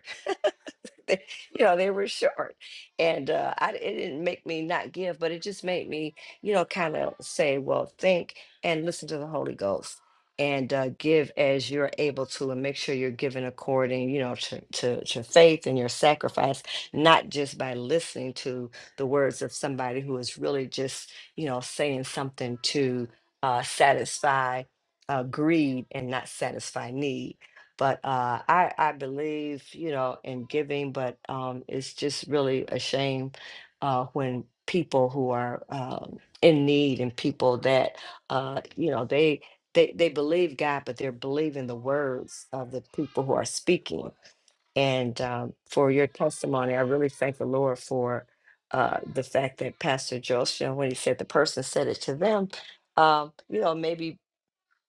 Speaker 2: they, you know, they were short. And uh, I, it didn't make me not give, but it just made me, you know, kind of say, well, think and listen to the Holy Ghost and uh, give as you're able to and make sure you're giving according, you know, to, to, to faith and your sacrifice, not just by listening to the words of somebody who is really just, you know, saying something to uh, satisfy uh, greed and not satisfy need but uh, I I believe you know in giving, but um, it's just really a shame uh, when people who are um, in need and people that uh, you know they they they believe God, but they're believing the words of the people who are speaking. And um, for your testimony, I really thank the Lord for. Uh, the fact that Pastor Joseph, when he said the person said it to them, um, you know, maybe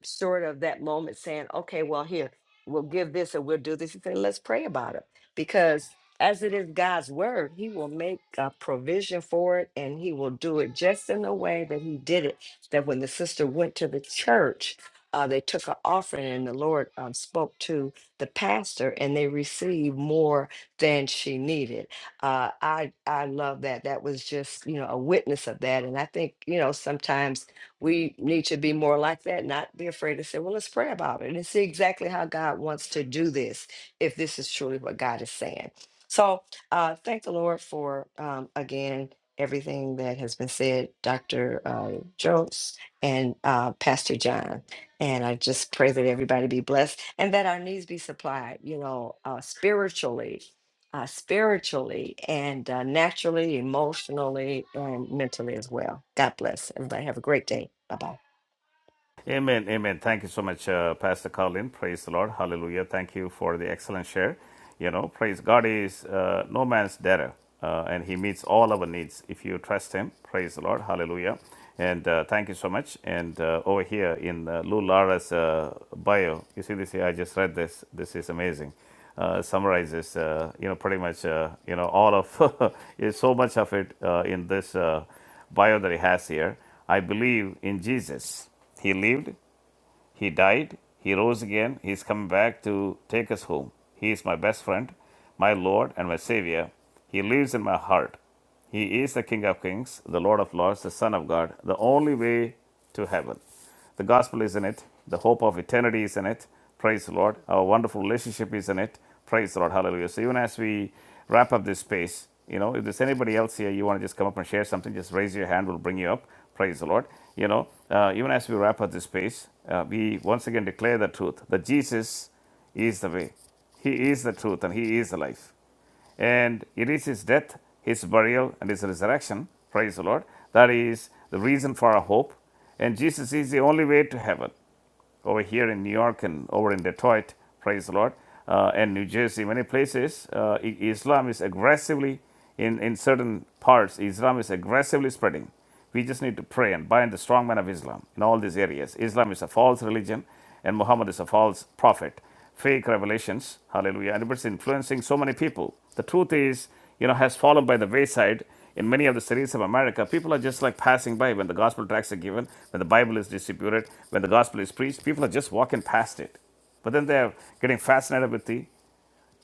Speaker 2: Sort of that moment saying, okay, well, here, we'll give this or we'll do this. He said, let's pray about it. Because as it is God's word, He will make a provision for it and He will do it just in the way that He did it. That when the sister went to the church, uh, they took an offering and the Lord um, spoke to the pastor and they received more than she needed. Uh, I, I love that. That was just, you know, a witness of that. And I think, you know, sometimes we need to be more like that, not be afraid to say, well, let's pray about it and see exactly how God wants to do this, if this is truly what God is saying. So uh, thank the Lord for, um, again, everything that has been said, Dr. Uh, Jokes and uh, Pastor John. And I just pray that everybody be blessed and that our needs be supplied, you know, uh, spiritually uh, spiritually and uh, naturally, emotionally, and mentally as well. God bless everybody. Have a great day. Bye bye.
Speaker 1: Amen. Amen. Thank you so much, uh, Pastor Colin. Praise the Lord. Hallelujah. Thank you for the excellent share. You know, praise God is uh, no man's debtor, uh, and He meets all our needs if you trust Him. Praise the Lord. Hallelujah. And uh, thank you so much. And uh, over here in uh, Lou Lara's uh, bio, you see this here. I just read this. This is amazing uh, summarizes, uh, you know, pretty much, uh, you know, all of is so much of it uh, in this uh, bio that he has here. I believe in Jesus. He lived, he died, he rose again, he's come back to take us home. He is my best friend, my Lord, and my Savior. He lives in my heart. He is the King of Kings, the Lord of Lords, the Son of God, the only way to heaven. The gospel is in it, the hope of eternity is in it. Praise the Lord. Our wonderful relationship is in it. Praise the Lord. Hallelujah. So, even as we wrap up this space, you know, if there's anybody else here, you want to just come up and share something, just raise your hand. We'll bring you up. Praise the Lord. You know, uh, even as we wrap up this space, uh, we once again declare the truth that Jesus is the way, He is the truth, and He is the life. And it is His death, His burial, and His resurrection. Praise the Lord. That is the reason for our hope. And Jesus is the only way to heaven over here in New York and over in Detroit, praise the Lord, uh, and New Jersey, many places, uh, Islam is aggressively, in, in certain parts, Islam is aggressively spreading. We just need to pray and bind the strong man of Islam in all these areas. Islam is a false religion, and Muhammad is a false prophet. Fake revelations, hallelujah, and it's influencing so many people. The truth is, you know, has fallen by the wayside, in many of the cities of America, people are just like passing by when the gospel tracts are given, when the Bible is distributed, when the gospel is preached. People are just walking past it. But then they're getting fascinated with the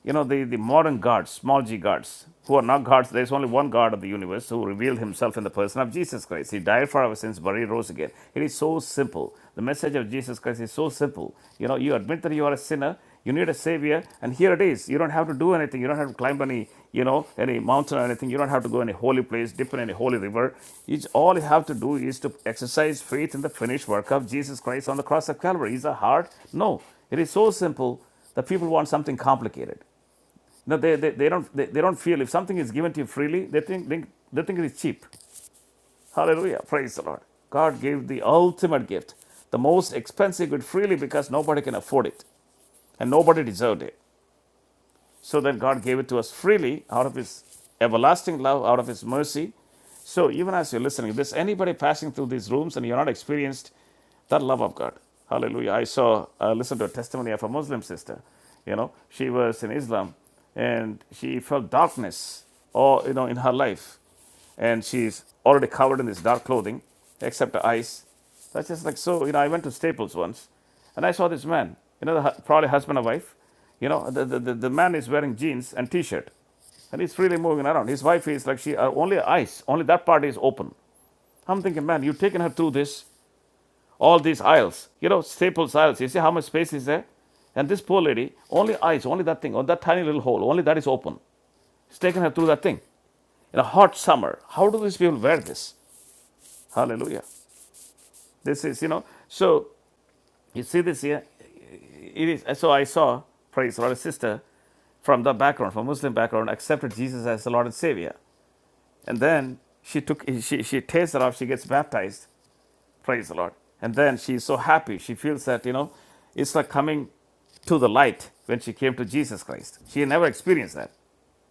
Speaker 1: you know, the, the modern gods, small g gods, who are not gods, there's only one God of the universe who revealed himself in the person of Jesus Christ. He died for our sins, but he rose again. It is so simple. The message of Jesus Christ is so simple. You know, you admit that you are a sinner, you need a savior, and here it is. You don't have to do anything. You don't have to climb any, you know, any mountain or anything. You don't have to go any holy place, dip in any holy river. It's, all you have to do is to exercise faith in the finished work of Jesus Christ on the cross of Calvary. Is it hard? No. It is so simple that people want something complicated. No, they, they, they, don't, they, they don't feel if something is given to you freely, they think, think, they think it is cheap. Hallelujah. Praise the Lord. God gave the ultimate gift, the most expensive good freely because nobody can afford it and nobody deserved it. So then God gave it to us freely out of His everlasting love, out of His mercy. So even as you're listening, if there's anybody passing through these rooms and you're not experienced that love of God. Hallelujah. I saw, uh, listened to a testimony of a Muslim sister. You know, she was in Islam and she felt darkness, or you know, in her life. And she's already covered in this dark clothing, except her eyes. That's just like so. You know, I went to Staples once and I saw this man, you know, the, hu- probably husband or wife. You know, the, the, the the man is wearing jeans and t shirt and he's freely moving around. His wife is like she uh, only her eyes, only that part is open. I'm thinking, man, you've taken her through this all these aisles. You know, Staples aisles. You see how much space is there? And this poor lady, only eyes, only that thing, on that tiny little hole, only that is open. It's taken her through that thing. In a hot summer, how do these people wear this? Hallelujah. This is, you know, so you see this here. It is, so I saw, praise the Lord, a sister from the background, from Muslim background, accepted Jesus as the Lord and Savior. And then she took, she, she takes it off, she gets baptized, praise the Lord. And then she's so happy. She feels that, you know, it's like coming to the light when she came to Jesus Christ. She never experienced that.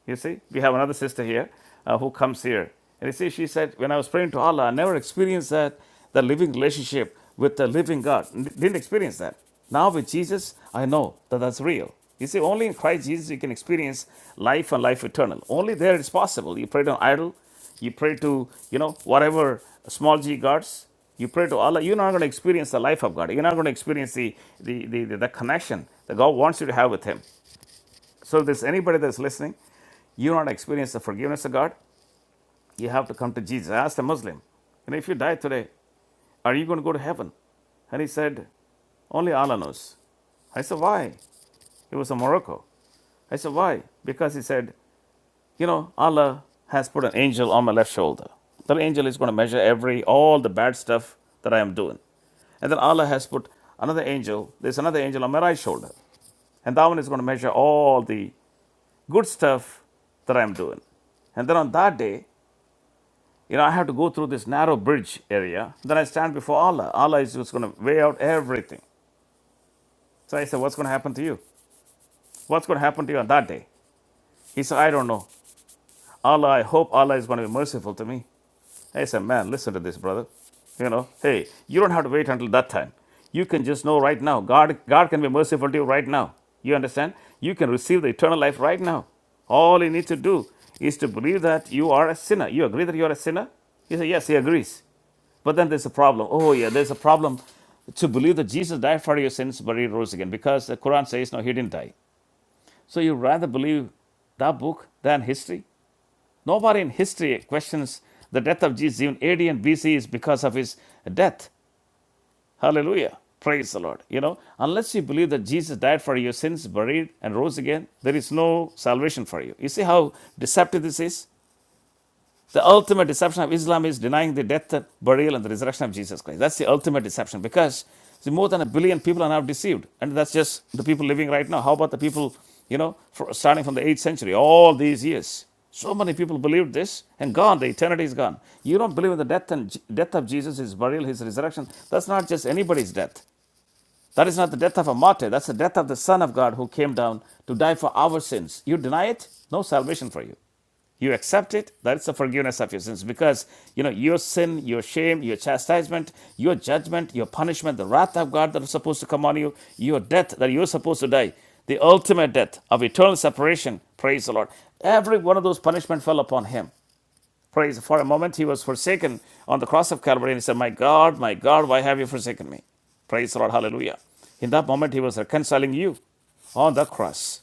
Speaker 1: You see, we have another sister here uh, who comes here. And you see, she said, When I was praying to Allah, I never experienced that, the living relationship with the living God. didn't experience that. Now with Jesus, I know that that's real. You see, only in Christ Jesus you can experience life and life eternal. Only there it's possible. You pray to an idol, you pray to, you know, whatever small g gods, you pray to Allah, you're not going to experience the life of God. You're not going to experience the, the, the, the connection that God wants you to have with Him. So, if there's anybody that's listening you not experience the forgiveness of God? You have to come to Jesus. I asked a Muslim, and if you die today, are you going to go to heaven? And he said, Only Allah knows. I said, Why? He was in Morocco. I said, Why? Because he said, You know, Allah has put an angel on my left shoulder. That angel is going to measure every, all the bad stuff that I am doing. And then Allah has put another angel, there's another angel on my right shoulder. And that one is going to measure all the good stuff that I am doing. And then on that day, you know, I have to go through this narrow bridge area. Then I stand before Allah. Allah is just going to weigh out everything. So I said, What's going to happen to you? What's going to happen to you on that day? He said, I don't know. Allah, I hope Allah is going to be merciful to me. I said, Man, listen to this, brother. You know, hey, you don't have to wait until that time. You can just know right now. God, God can be merciful to you right now. You understand? You can receive the eternal life right now. All you need to do is to believe that you are a sinner. You agree that you are a sinner? He said, Yes, he agrees. But then there's a problem. Oh, yeah, there's a problem to believe that Jesus died for your sins, but he rose again, because the Quran says, no, he didn't die. So you rather believe that book than history? Nobody in history questions the death of Jesus, even AD and BC is because of his death. Hallelujah. Praise the Lord. You know, unless you believe that Jesus died for your sins, buried, and rose again, there is no salvation for you. You see how deceptive this is? The ultimate deception of Islam is denying the death, burial, and the resurrection of Jesus Christ. That's the ultimate deception because see, more than a billion people are now deceived. And that's just the people living right now. How about the people, you know, fr- starting from the 8th century, all these years? So many people believed this and gone. The eternity is gone. You don't believe in the death and death of Jesus, his burial, his resurrection. That's not just anybody's death. That is not the death of a martyr. That's the death of the Son of God who came down to die for our sins. You deny it? No salvation for you. You accept it. That's the forgiveness of your sins because you know your sin, your shame, your chastisement, your judgment, your punishment, the wrath of God that was supposed to come on you, your death that you were supposed to die, the ultimate death of eternal separation. Praise the Lord. Every one of those punishment fell upon him. Praise. For a moment he was forsaken on the cross of Calvary and he said, My God, my God, why have you forsaken me? Praise the Lord. Hallelujah. In that moment, he was reconciling you on the cross.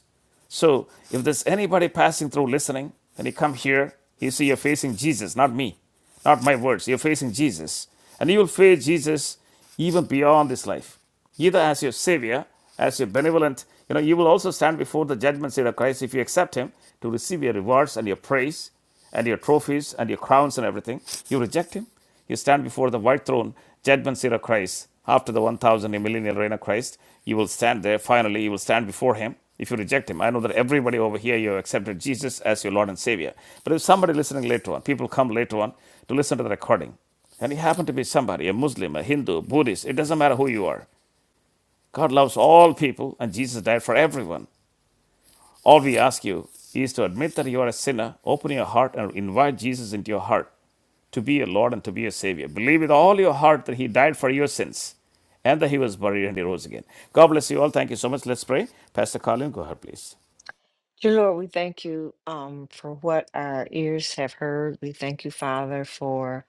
Speaker 1: So if there's anybody passing through listening, and you come here, you see you're facing Jesus, not me, not my words. You're facing Jesus. And you will face Jesus even beyond this life, either as your Savior, as your benevolent, you know, you will also stand before the judgment seat of Christ if you accept Him to receive your rewards and your praise and your trophies and your crowns and everything. You reject him. You stand before the white throne, judgment seat of Christ. After the 1000 and millennial reign of Christ, you will stand there. Finally, you will stand before him if you reject him. I know that everybody over here, you have accepted Jesus as your Lord and Savior. But if somebody listening later on, people come later on to listen to the recording, and you happen to be somebody, a Muslim, a Hindu, Buddhist, it doesn't matter who you are. God loves all people, and Jesus died for everyone. All we ask you is to admit that you are a sinner, open your heart, and invite Jesus into your heart to be your Lord and to be your Savior. Believe with all your heart that He died for your sins and that He was buried and He rose again. God bless you all. Thank you so much. Let's pray. Pastor Colin, go ahead, please.
Speaker 2: Dear Lord, we thank you um, for what our ears have heard. We thank you, Father, for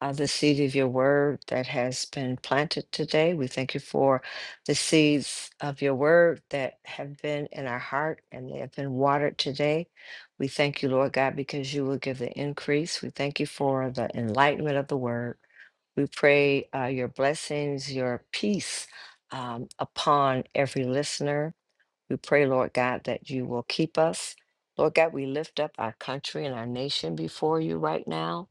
Speaker 2: uh, the seed of your word that has been planted today. We thank you for the seeds of your word that have been in our heart and they have been watered today. We thank you, Lord God, because you will give the increase. We thank you for the enlightenment of the word. We pray uh, your blessings, your peace um, upon every listener we pray, Lord God, that you will keep us. Lord God, we lift up our country and our nation before you right now.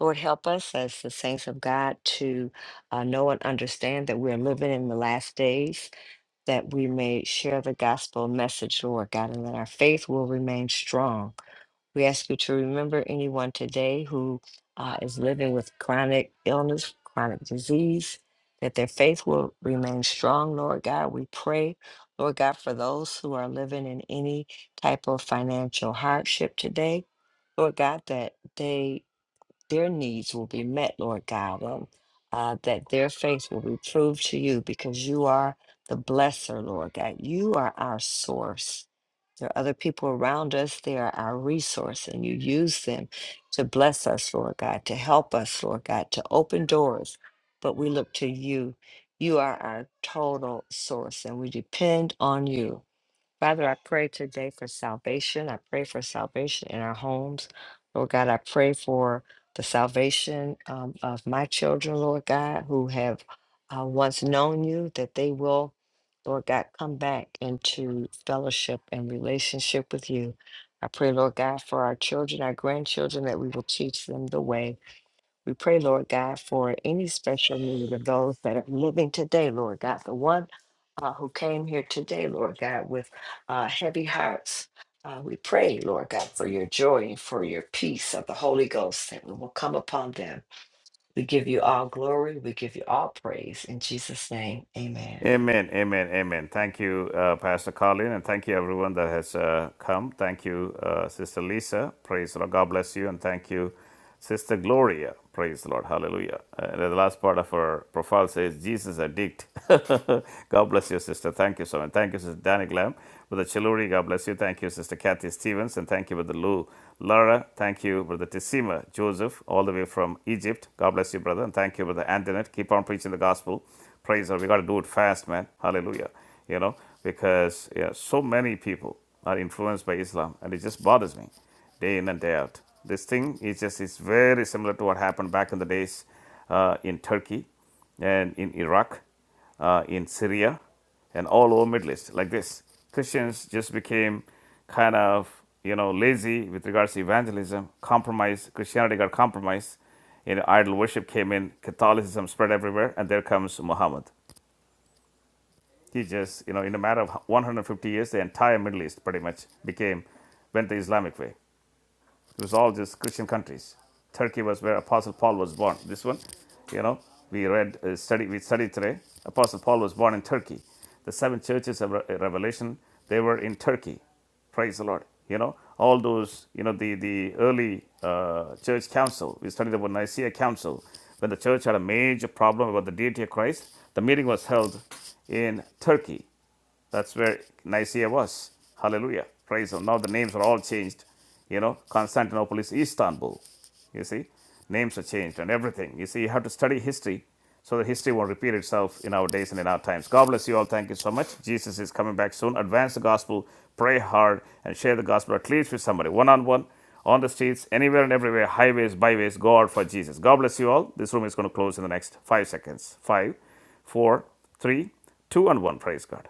Speaker 2: Lord, help us as the saints of God to uh, know and understand that we're living in the last days, that we may share the gospel message, Lord God, and that our faith will remain strong. We ask you to remember anyone today who uh, is living with chronic illness, chronic disease, that their faith will remain strong, Lord God. We pray, Lord God, for those who are living in any type of financial hardship today, Lord God, that they their needs will be met, Lord God, and uh, that their faith will be proved to you because you are the blesser, Lord God. You are our source. There are other people around us, they are our resource, and you use them to bless us, Lord God, to help us, Lord God, to open doors. But we look to you. You are our total source, and we depend on you. Father, I pray today for salvation. I pray for salvation in our homes. Lord God, I pray for the salvation um, of my children, Lord God, who have uh, once known you, that they will, Lord God, come back into fellowship and relationship with you. I pray, Lord God, for our children, our grandchildren, that we will teach them the way. We pray, Lord God, for any special need of those that are living today, Lord God. The one uh, who came here today, Lord God, with uh, heavy hearts. Uh, we pray, Lord God, for your joy and for your peace of the Holy Ghost that will come upon them. We give you all glory. We give you all praise. In Jesus' name, amen.
Speaker 1: Amen, amen, amen. Thank you, uh, Pastor Colin, and thank you, everyone that has uh, come. Thank you, uh, Sister Lisa. Praise the Lord. God bless you, and thank you, Sister Gloria. Praise the Lord. Hallelujah. Uh, the last part of her profile says, Jesus addict. God bless you, sister. Thank you so much. Thank you, Sister Danny Glam. Brother Chiluri, God bless you. Thank you, Sister Kathy Stevens, and thank you, Brother Lou Lara. Thank you, Brother Tissima Joseph, all the way from Egypt. God bless you, brother, and thank you, Brother Antoinette. Keep on preaching the gospel. Praise God. We got to do it fast, man. Hallelujah. You know, because yeah, so many people are influenced by Islam, and it just bothers me day in and day out. This thing is just is very similar to what happened back in the days uh, in Turkey and in Iraq uh, in Syria and all over Middle East like this. Christians just became kind of you know lazy with regards to evangelism, compromise. Christianity got compromised. You know, idol worship came in, Catholicism spread everywhere, and there comes Muhammad. He just, you know, in a matter of 150 years, the entire Middle East pretty much became, went the Islamic way. It was all just Christian countries. Turkey was where Apostle Paul was born. This one, you know, we read, uh, study, we studied today. Apostle Paul was born in Turkey. The seven churches of Revelation, they were in Turkey. Praise the Lord. You know, all those, you know, the, the early uh, church council, we studied about Nicaea Council, when the church had a major problem about the deity of Christ, the meeting was held in Turkey. That's where Nicaea was. Hallelujah. Praise Him. Now the names are all changed. You know, Constantinople is Istanbul. You see, names are changed and everything. You see, you have to study history so that history won't repeat itself in our days and in our times. God bless you all. Thank you so much. Jesus is coming back soon. Advance the gospel, pray hard, and share the gospel at least with somebody one on one, on the streets, anywhere and everywhere, highways, byways. Go out for Jesus. God bless you all. This room is going to close in the next five seconds. Five, four, three, two, and one. Praise God.